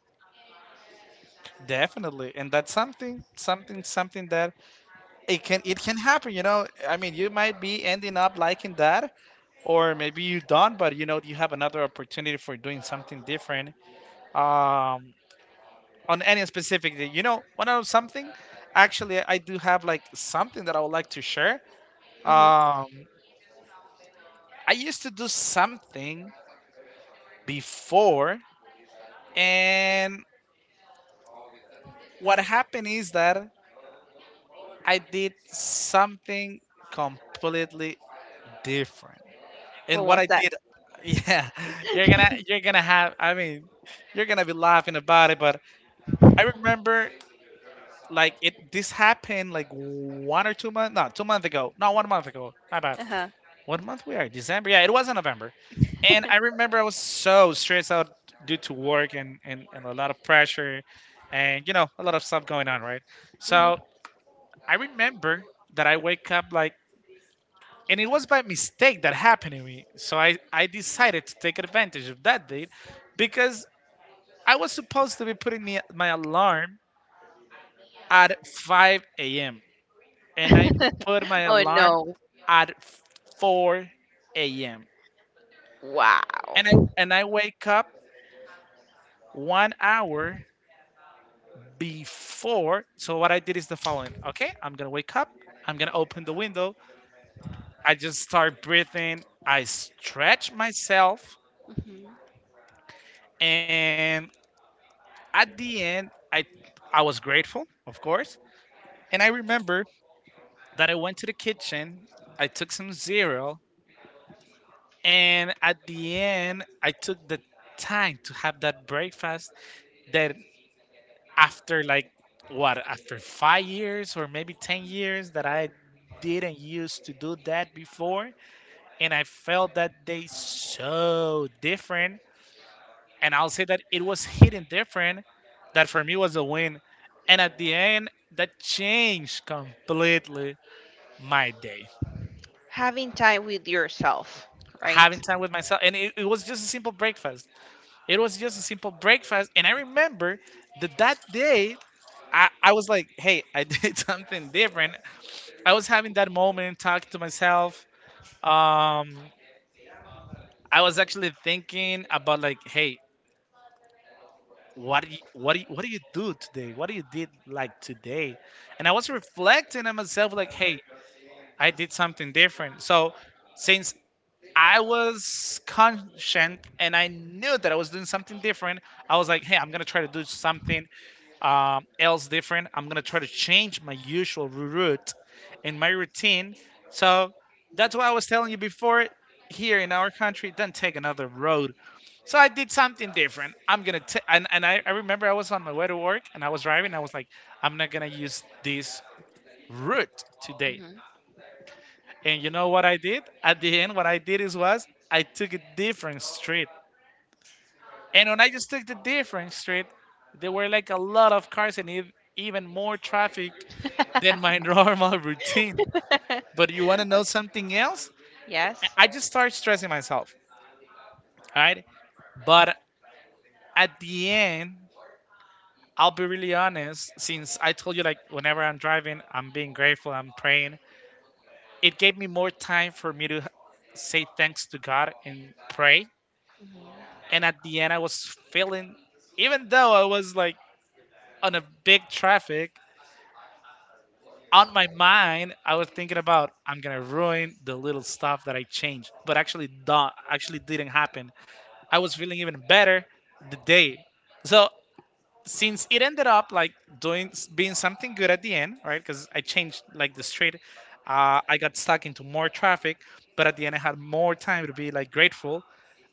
Speaker 1: Definitely, and that's something that it can, it can happen. You know, I mean, you might be ending up liking that, or maybe you don't, but you know, you have another opportunity for doing something different, um on any specific day. You know, one of something. Actually, I do have like something that I would like to share.
Speaker 2: Hmm.
Speaker 1: um I used to do something before, and what happened is that I did something completely different. And
Speaker 2: What
Speaker 1: what
Speaker 2: was
Speaker 1: I
Speaker 2: that?
Speaker 1: did. Yeah, you're gonna have. I mean, you're gonna be laughing about it. But I remember like it. This happened like 1 or 2 months. No, 2 months ago. No, 1 month ago. My bad.
Speaker 2: Uh huh.
Speaker 1: What month we are? December. Yeah, it was in November. And I remember I was so stressed out due to work and a lot of pressure, and you know, a lot of stuff going on, right?
Speaker 2: Hmm.
Speaker 1: So I remember that I wake up like, and it was by mistake that happened to me. So I decided to take advantage of that date because I was supposed to be putting me, my alarm at 5 a.m., and I put my
Speaker 2: Oh
Speaker 1: alarm
Speaker 2: no!
Speaker 1: at 4 a.m. And
Speaker 2: Wow.
Speaker 1: I wake up 1 hour before. So what I did is the following. Okay, I'm gonna wake up. I'm gonna open the window. I just start breathing. I stretch myself,
Speaker 2: Mhm.
Speaker 1: and at the end, I was grateful, of course, and I remember that I went to the kitchen, I took some cereal, and at the end, I took the time to have that breakfast that after like what, after 5 years or maybe 10 years, that I didn't used to do that before. And I felt that day so different, and I'll say that it was hidden different. That for me was a win, and at the end, that changed completely my day.
Speaker 2: Having time with yourself, right?
Speaker 1: Having time with myself, and it was just a simple breakfast. It was just a simple breakfast, and I remember that that day. I was like, hey, I did something different. I was having that moment, talking to myself. Um, I was actually thinking about like, hey, what do you do today? What do you did like today? And I was reflecting on myself like, hey, I did something different. So since I was conscient and I knew that I was doing something different, I was like, hey, I'm gonna try to do something else different. I'm gonna try to change my usual route and my routine. So that's why I was telling you before. Here in our country, don't take another road. So I did something different. I'm gonna t- and I remember I was on my way to work and I was driving. I was like, I'm not gonna use this route today.
Speaker 2: Hmm.
Speaker 1: And you know what I did? At the end, what I did is was I took a different street. And when I just took the different street, there were like a lot of cars and even more traffic than my normal routine. But you want to know something else?
Speaker 2: Yes.
Speaker 1: I just start stressing myself, right? But at the end, I'll be really honest. Since I told you, like, whenever I'm driving, I'm being grateful, I'm praying. It gave me more time for me to say thanks to God and pray.
Speaker 2: Hmm.
Speaker 1: And at the end, I was feeling, even though I was like on a big traffic, on my mind, I was thinking about I'm gonna ruin the little stuff that I changed, but actually, don't, actually didn't happen. I was feeling even better the day. So since it ended up like doing being something good at the end, right? Because I changed like the street, I got stuck into more traffic, but at the end I had more time to be like grateful.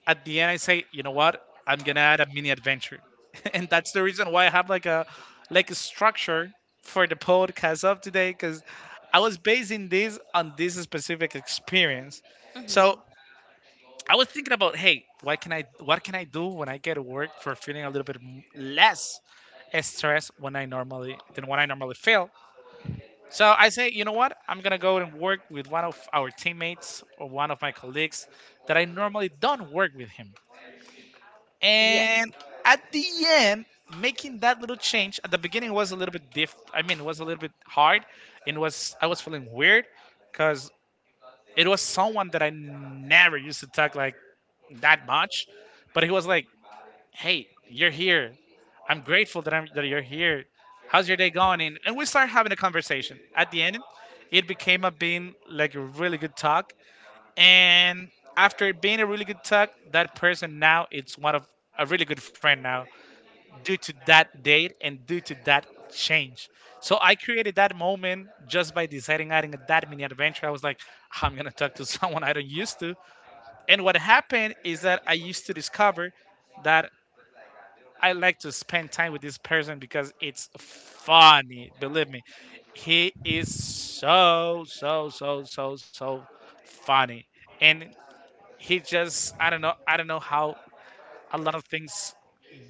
Speaker 1: At the end, I say, you know what? I'm gonna add a mini adventure, and that's the reason why I have like a structure for the podcast of today because I was basing this on this specific experience. So
Speaker 2: Hmm.
Speaker 1: I was thinking about, hey, what can I do when I get to work for feeling a little bit less stress when I normally than when I normally feel. So I say, you know what? I'm gonna go and work with one of our teammates or one of my colleagues that I normally don't work with him.
Speaker 2: Yeah.
Speaker 1: And at the end, making that little change at the beginning was a little bit diff. I mean, it was a little bit hard, and was I was feeling weird because it was someone that I never used to talk like that much, but he was like, hey, you're here. I'm grateful that I'm that you're here. How's your day going? And we started having a conversation. At the end, it became a being like a really good talk. And after it being a really good talk, that person now it's one of a really good friend now due to that date and due to that change. So I created that moment just by deciding adding that mini adventure. I was like, I'm gonna talk to someone I don't used to. And what happened is that I used to discover that I like to spend time with this person because it's funny. Believe me, he is so so so so so funny, and he just I don't know how a lot of things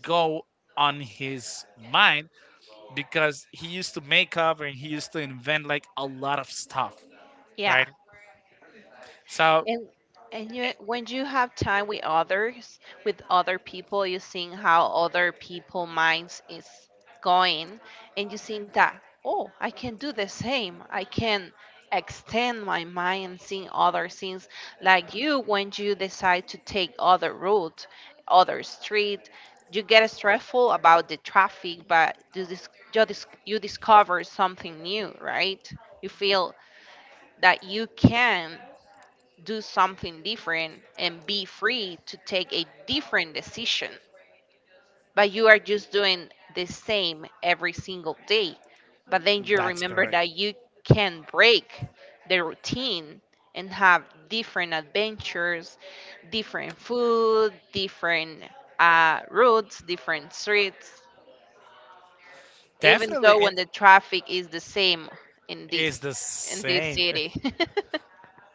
Speaker 1: go on his mind because he used to make up and he used to invent like a lot of stuff,
Speaker 2: Yeah.
Speaker 1: right? So
Speaker 2: And and you when you have time with others, with other people, you seeing how other people minds is going, and you think that oh, I can do the same. I can extend my mind seeing other things like you when you decide to take other route, other street. You get stressful about the traffic, but you discover something new, right? You feel that you can do something different and be free to take a different decision. But you are just doing the same every single day. But then you
Speaker 1: that's
Speaker 2: remember
Speaker 1: correct.
Speaker 2: that you can break the routine and have different adventures, different food, different routes, different streets, even
Speaker 1: Definitely,
Speaker 2: though when
Speaker 1: and
Speaker 2: the traffic is the same in this
Speaker 1: is the
Speaker 2: in this
Speaker 1: same.
Speaker 2: city.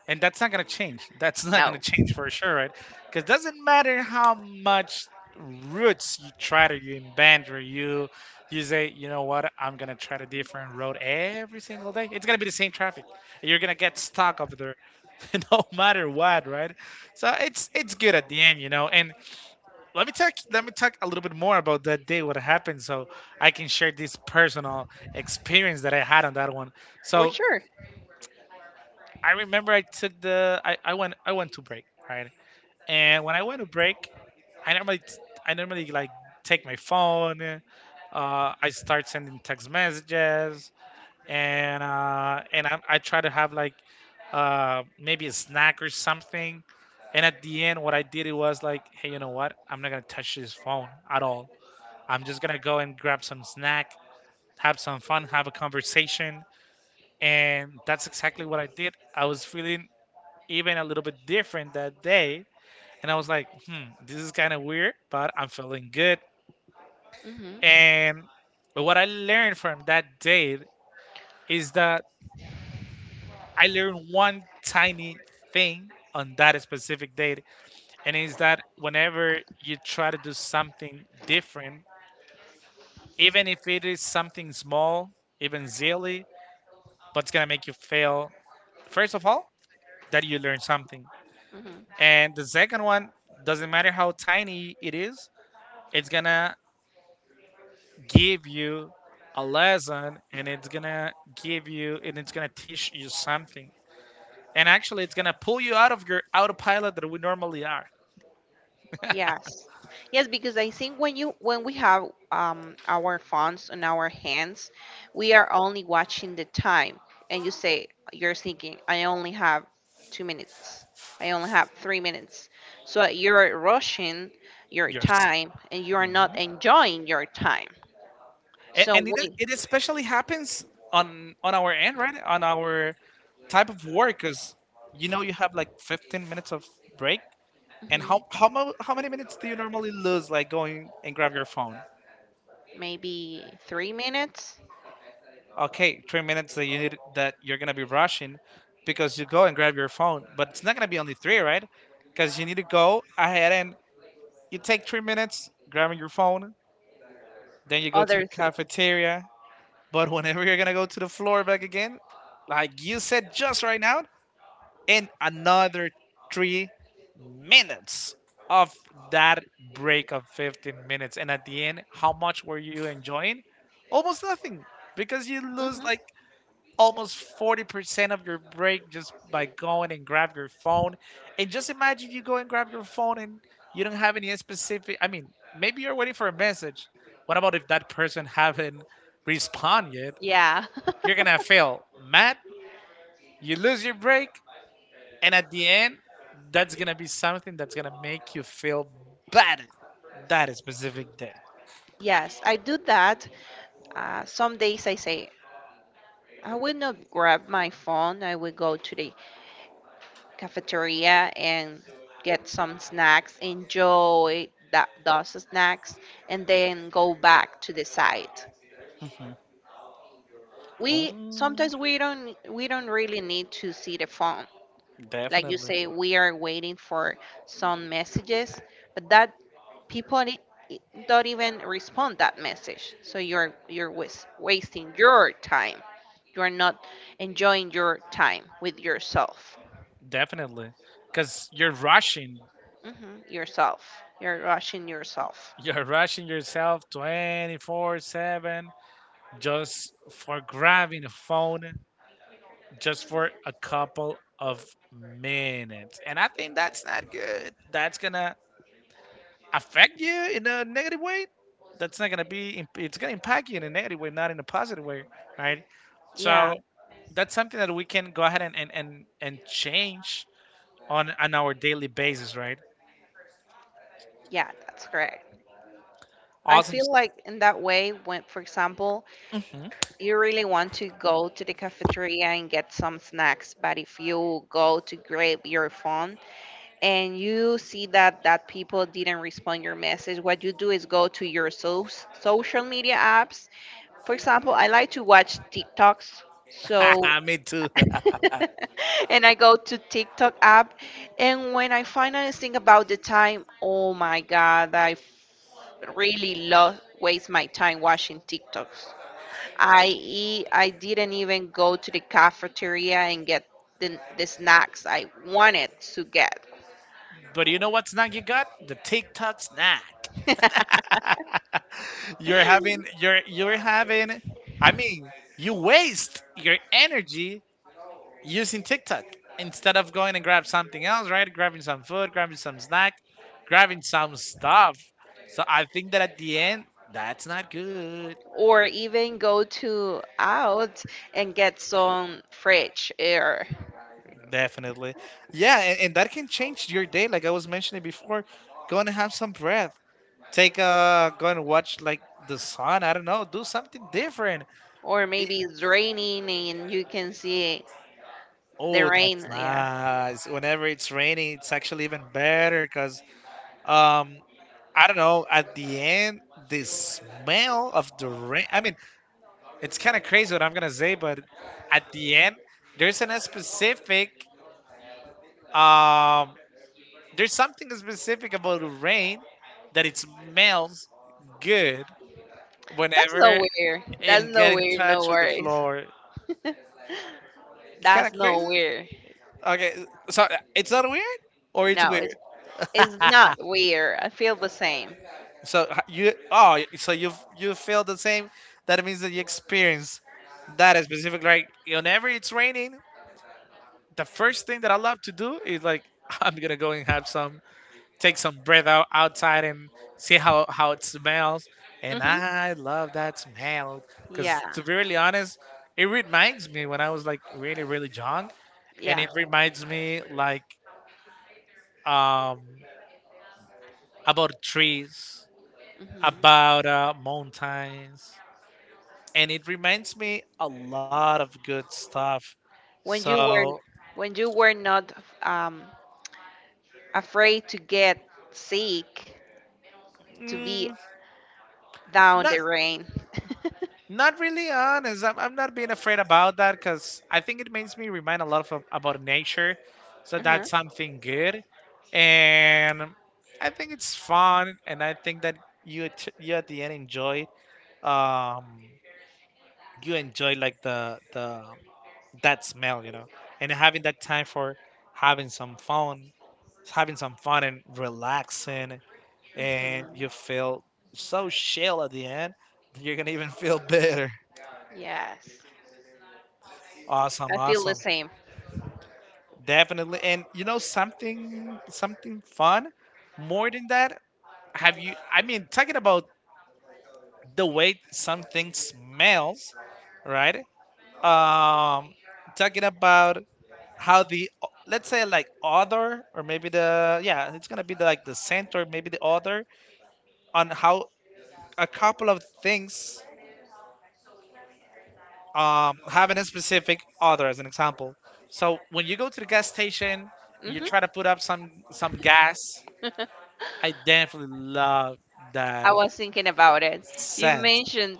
Speaker 1: And that's not going to change, that's not going to
Speaker 2: No,
Speaker 1: change for sure, right? Because doesn't matter how much roots you try to, you bend or you say, you know what, I'm going to try a different road every single day, it's going to be the same traffic. You're going to get stuck over there no matter what, right? So it's good at the end, you know. And let me talk a little bit more about that day, what happened, so I can share this personal experience that I had on that one.
Speaker 2: for
Speaker 1: So
Speaker 2: sure.
Speaker 1: I remember I took the I went I went to break, right? And when I went to break, I normally I normally like take my phone. I start sending text messages, and I try to have like maybe a snack or something. And at the end, what I did it was like, hey, you know what? I'm not gonna touch this phone at all. I'm just gonna go and grab some snack, have some fun, have a conversation, and that's exactly what I did. I was feeling even a little bit different that day. And I was like, hmm, this is kind of weird, but I'm feeling good.
Speaker 2: Hmm.
Speaker 1: And what I learned from that date is that I learned one tiny thing on that specific date. And is that whenever you try to do something different, even if it is something small, even silly, but it's going to make you fail, first of all, that you learn something.
Speaker 2: Hmm.
Speaker 1: And the second one, doesn't matter how tiny it is, it's gonna give you a lesson and it's gonna teach you something, and actually it's gonna pull you out of your autopilot that we normally are.
Speaker 2: Yes. Yes, because I think when you when we have our phones on our hands, we are only watching the time. And you say you're thinking, I only have 2 minutes. I only have 3 minutes. So you're rushing your
Speaker 1: Yours.
Speaker 2: time, and you are
Speaker 1: Mhm.
Speaker 2: not enjoying your time.
Speaker 1: and,
Speaker 2: So
Speaker 1: and it,
Speaker 2: we
Speaker 1: it especially happens on our end, right? On our type of work, because you know, you have like 15 minutes of break. And
Speaker 2: Mhm.
Speaker 1: how many minutes do you normally lose like going and grab your phone?
Speaker 2: Maybe 3 minutes,
Speaker 1: Okay, 3 minutes that you need, that you're gonna be rushing because you go and grab your phone, but it's not gonna be only three, right? Because you need to go ahead and you take 3 minutes grabbing your phone, then you go to the
Speaker 2: other 3.
Speaker 1: cafeteria. But whenever you're gonna go to the floor back again, like you said just right now, and another 3 minutes of that break of 15 minutes. And at the end, how much were you enjoying? Almost nothing, because you lose
Speaker 2: Hmm.
Speaker 1: like almost 40% of your break just by going and grab your phone. And just imagine if you go and grab your phone and you don't have any specific, I mean, maybe you're waiting for a message. What about if that person haven't responded yet?
Speaker 2: Yeah.
Speaker 1: You're gonna fail. Matt, you lose your break, and at the end, that's gonna be something that's gonna make you feel bad that is specific day.
Speaker 2: Yes, I do that. Some days I say I would not grab my phone. I would go to the cafeteria and get some snacks, enjoy that those snacks, and then go back to the site.
Speaker 1: Hmm.
Speaker 2: We
Speaker 1: Oh,
Speaker 2: sometimes we don't really need to see the phone. Like you
Speaker 1: definitely.
Speaker 2: say, we are waiting for some messages, but that people i- don't even respond that message. So you're wasting your time. You are not enjoying your time with yourself.
Speaker 1: Definitely. Because you're rushing.
Speaker 2: Hmm. Yourself. You're rushing yourself.
Speaker 1: You're rushing yourself 24/7 just for grabbing a phone, just for a couple of minutes. And I think that's not good. That's going to affect you in a negative way. That's not going to be, it's going to impact you in a negative way, not in a positive way, right?
Speaker 2: Yeah,
Speaker 1: So that's something that we can go ahead and, and change on our daily basis, right?
Speaker 2: yeah, that's correct. I
Speaker 1: Awesome.
Speaker 2: feel like in that way, when, for example, you really want to go to the cafeteria and get some snacks, but if you go to grab your phone and you see that that people didn't respond your message, what you do is go to your social media apps. For example, I like to watch TikToks. So
Speaker 1: Mhm. Me too.
Speaker 2: and I go to TikTok app, and when I finally think about the time, oh my God, I really lost waste my time watching TikToks. I eat, I didn't even go to the cafeteria and get the snacks I wanted to get.
Speaker 1: But you know what snack you got? The TikTok snack. You're having, I mean, you waste your energy using TikTok instead of going and grab something else, right? Grabbing some food, grabbing some snack, grabbing some stuff. So I think that at the end, that's not good.
Speaker 2: Or even go to out and get some fresh air
Speaker 1: Definitely. Yeah, and that can change your day, like I was mentioning before. Go and have some breath. Take a go and watch like the sun. I don't know. Do something different.
Speaker 2: or
Speaker 1: It,
Speaker 2: maybe it's raining and you can see the
Speaker 1: oh,
Speaker 2: rain.
Speaker 1: that's
Speaker 2: Yeah.
Speaker 1: nice. Whenever it's raining, it's actually even better because um I don't know. At the end, the smell of the rain. I mean, it's kind of crazy what I'm gonna say, but at the end, there's an specific um there's something specific about rain that it smells good
Speaker 2: That's
Speaker 1: whenever
Speaker 2: nowhere. That's
Speaker 1: and get in
Speaker 2: nowhere. No
Speaker 1: touch with the
Speaker 2: worries.
Speaker 1: floor. It's kind
Speaker 2: That's
Speaker 1: of crazy.
Speaker 2: nowhere.
Speaker 1: Okay, so it's not weird, or it's
Speaker 2: No,
Speaker 1: weird.
Speaker 2: it's not weird. I feel the same.
Speaker 1: So you, oh, so you have, you feel the same. That means that you experience that is specific. Like whenever it's raining, the first thing that I love to do is like I'm gonna go and have some, take some breath out outside and see how it smells. And
Speaker 2: Mhm.
Speaker 1: I love that smell
Speaker 2: Yeah.
Speaker 1: because to be really honest, it reminds me when I was like really really young, and
Speaker 2: Yeah.
Speaker 1: it reminds me like um about trees,
Speaker 2: Mhm.
Speaker 1: about mountains, and it reminds me a lot of good stuff.
Speaker 2: When you were
Speaker 1: So,
Speaker 2: when you were not um afraid to get sick to be
Speaker 1: mm,
Speaker 2: down
Speaker 1: not
Speaker 2: the rain.
Speaker 1: not really honest. I'm not being afraid about that because I think it makes me remind a lot of about nature. So
Speaker 2: Mhm.
Speaker 1: that's something good, and I think it's fun, and I think that you at the end enjoy um, you enjoy like the that smell, you know, and having that time for having some fun, and relaxing, and you
Speaker 2: Mhm.
Speaker 1: feel so chill at the end. You're gonna even feel better.
Speaker 2: Yes.
Speaker 1: Awesome,
Speaker 2: I feel the
Speaker 1: awesome,
Speaker 2: same.
Speaker 1: definitely. And you know something, something fun. More than that, have you? I mean, talking about the way something smells, right? Um, talking about how the, let's say like author, or maybe the, yeah, it's gonna be the, like the center, maybe the author, on how a couple of things, having a specific author as an example. So when you go to the gas station and you
Speaker 2: Mhm.
Speaker 1: try to put up some gas, I definitely love that
Speaker 2: I was thinking about it. You
Speaker 1: scent.
Speaker 2: mentioned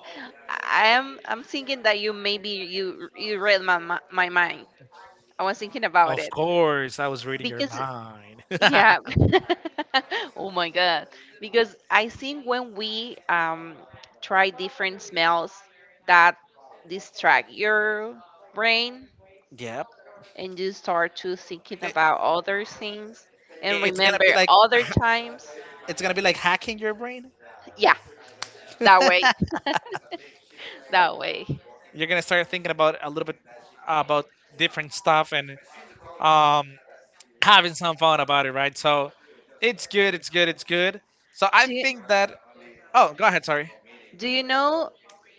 Speaker 2: I am I'm thinking that you maybe you you read my my mind. I was thinking about
Speaker 1: Of
Speaker 2: it
Speaker 1: course I was reading your
Speaker 2: because
Speaker 1: mind.
Speaker 2: yeah. Oh my god. Because I think when we try different smells that distract your brain
Speaker 1: Yep.
Speaker 2: and you start to thinking
Speaker 1: it, it-
Speaker 2: about other things and
Speaker 1: it's gonna
Speaker 2: remember
Speaker 1: be like
Speaker 2: other times.
Speaker 1: it's gonna be like hacking your brain.
Speaker 2: Yeah, that way. That way.
Speaker 1: You're gonna start thinking about a little bit about different stuff and um, having some fun about it, right? So it's good. So I think that. Oh, go ahead. Sorry.
Speaker 2: Do you know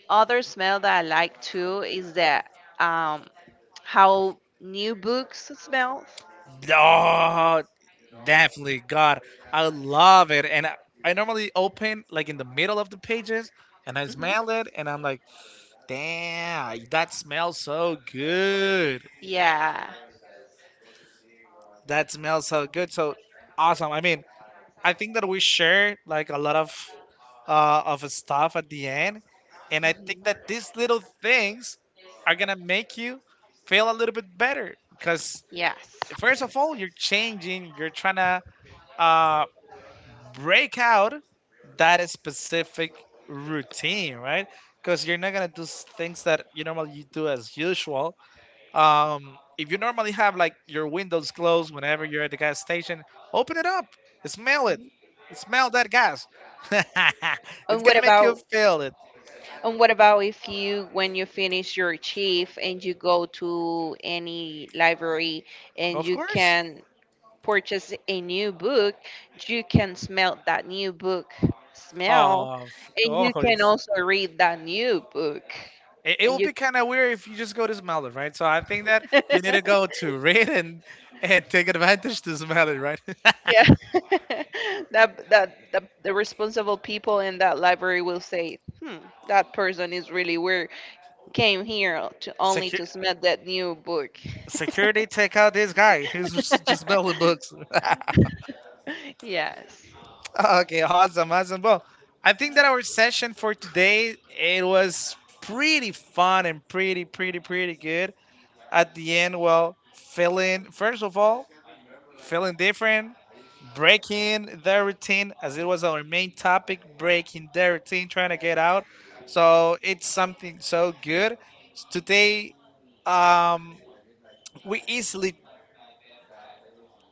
Speaker 2: other smell that I like too is that um how new books smells?
Speaker 1: Oh, definitely. God, I love it. And I normally open like in the middle of the pages and I
Speaker 2: Hmm.
Speaker 1: smell it and I'm like, damn, that smells so good.
Speaker 2: Yeah.
Speaker 1: That smells so good. So awesome. I mean, I think that we share like a lot of stuff at the end, and I think that
Speaker 2: Mhm.
Speaker 1: these little things are gonna make you feel a little bit better because
Speaker 2: Yes.
Speaker 1: first of all, you're changing, you're trying to uh, break out that specific routine, right? Because you're not gonna do things that you normally you do as usual. If you normally have like your windows closed whenever you're at the gas station, open it up, smell it, smell that gas.
Speaker 2: And
Speaker 1: It's
Speaker 2: what
Speaker 1: gonna make you
Speaker 2: about
Speaker 1: feel it,
Speaker 2: and what about if you when you finish your chief and you go to any library and
Speaker 1: of
Speaker 2: you
Speaker 1: course.
Speaker 2: can purchase a new book, you can smell that new book smell
Speaker 1: Of
Speaker 2: and you can
Speaker 1: course.
Speaker 2: also read that new book.
Speaker 1: It
Speaker 2: And
Speaker 1: will
Speaker 2: you
Speaker 1: be kind of weird if you just go to smell it, right? So I think that you need to go to read and take advantage to smell it, right?
Speaker 2: yeah. That that the responsible people in that library will say, "Hmm, that person is really weird. Came here to only
Speaker 1: Secu-
Speaker 2: to smell that new book."
Speaker 1: Security, take out this guy who's just smelling books.
Speaker 2: Yes.
Speaker 1: Okay, awesome, awesome. Well, I think that our session for today it was pretty fun and pretty, pretty good. At the end, well, feeling first of all, feeling different, breaking the routine, as it was our main topic, breaking the routine, trying to get out. So it's something so good. Today, um, we easily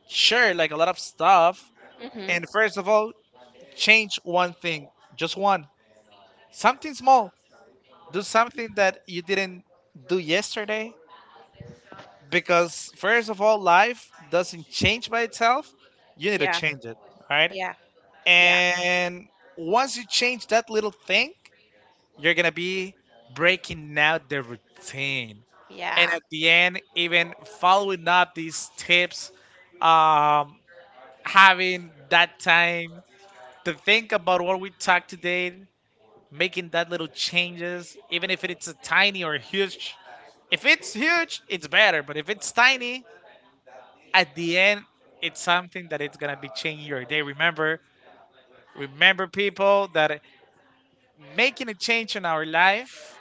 Speaker 1: share like a lot of stuff.
Speaker 2: Mhm.
Speaker 1: And first of all, change one thing, just one. Something small. Do something that you didn't do yesterday. Because, first of all, life doesn't change by itself. You need to
Speaker 2: Yeah.
Speaker 1: change it, right?
Speaker 2: Yeah. Yeah.
Speaker 1: And once you change that little thing, you're going to be breaking out the routine. And
Speaker 2: Yeah.
Speaker 1: at the end, even following up these tips, um, having that time to think about what we talked today making that little changes, even if it's a tiny or huge. If it's huge, it's better. But if it's tiny, at the end, it's something that it's gonna be changing your day. Remember, people, that making a change in our life,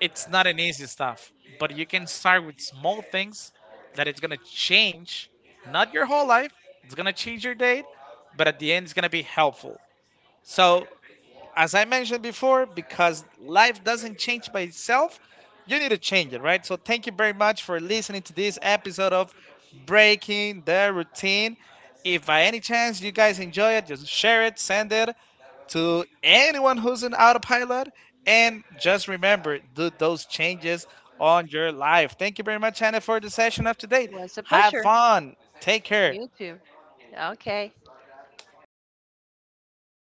Speaker 1: it's not an easy stuff. But you can start with small things that it's gonna change, not your whole life. It's gonna change your day, but at the end, it's gonna be helpful. So as I mentioned before, because life doesn't change by itself, you need to change it, right? So thank you very much for listening to this episode of Breaking the Routine. If by any chance you guys enjoy it, just share it, send it to anyone who's an autopilot. And just remember, do those changes on your life. Thank you very much, Hannah, for the session of today.
Speaker 2: Was a
Speaker 1: Have
Speaker 2: pleasure.
Speaker 1: fun. Take care.
Speaker 2: You too. Okay.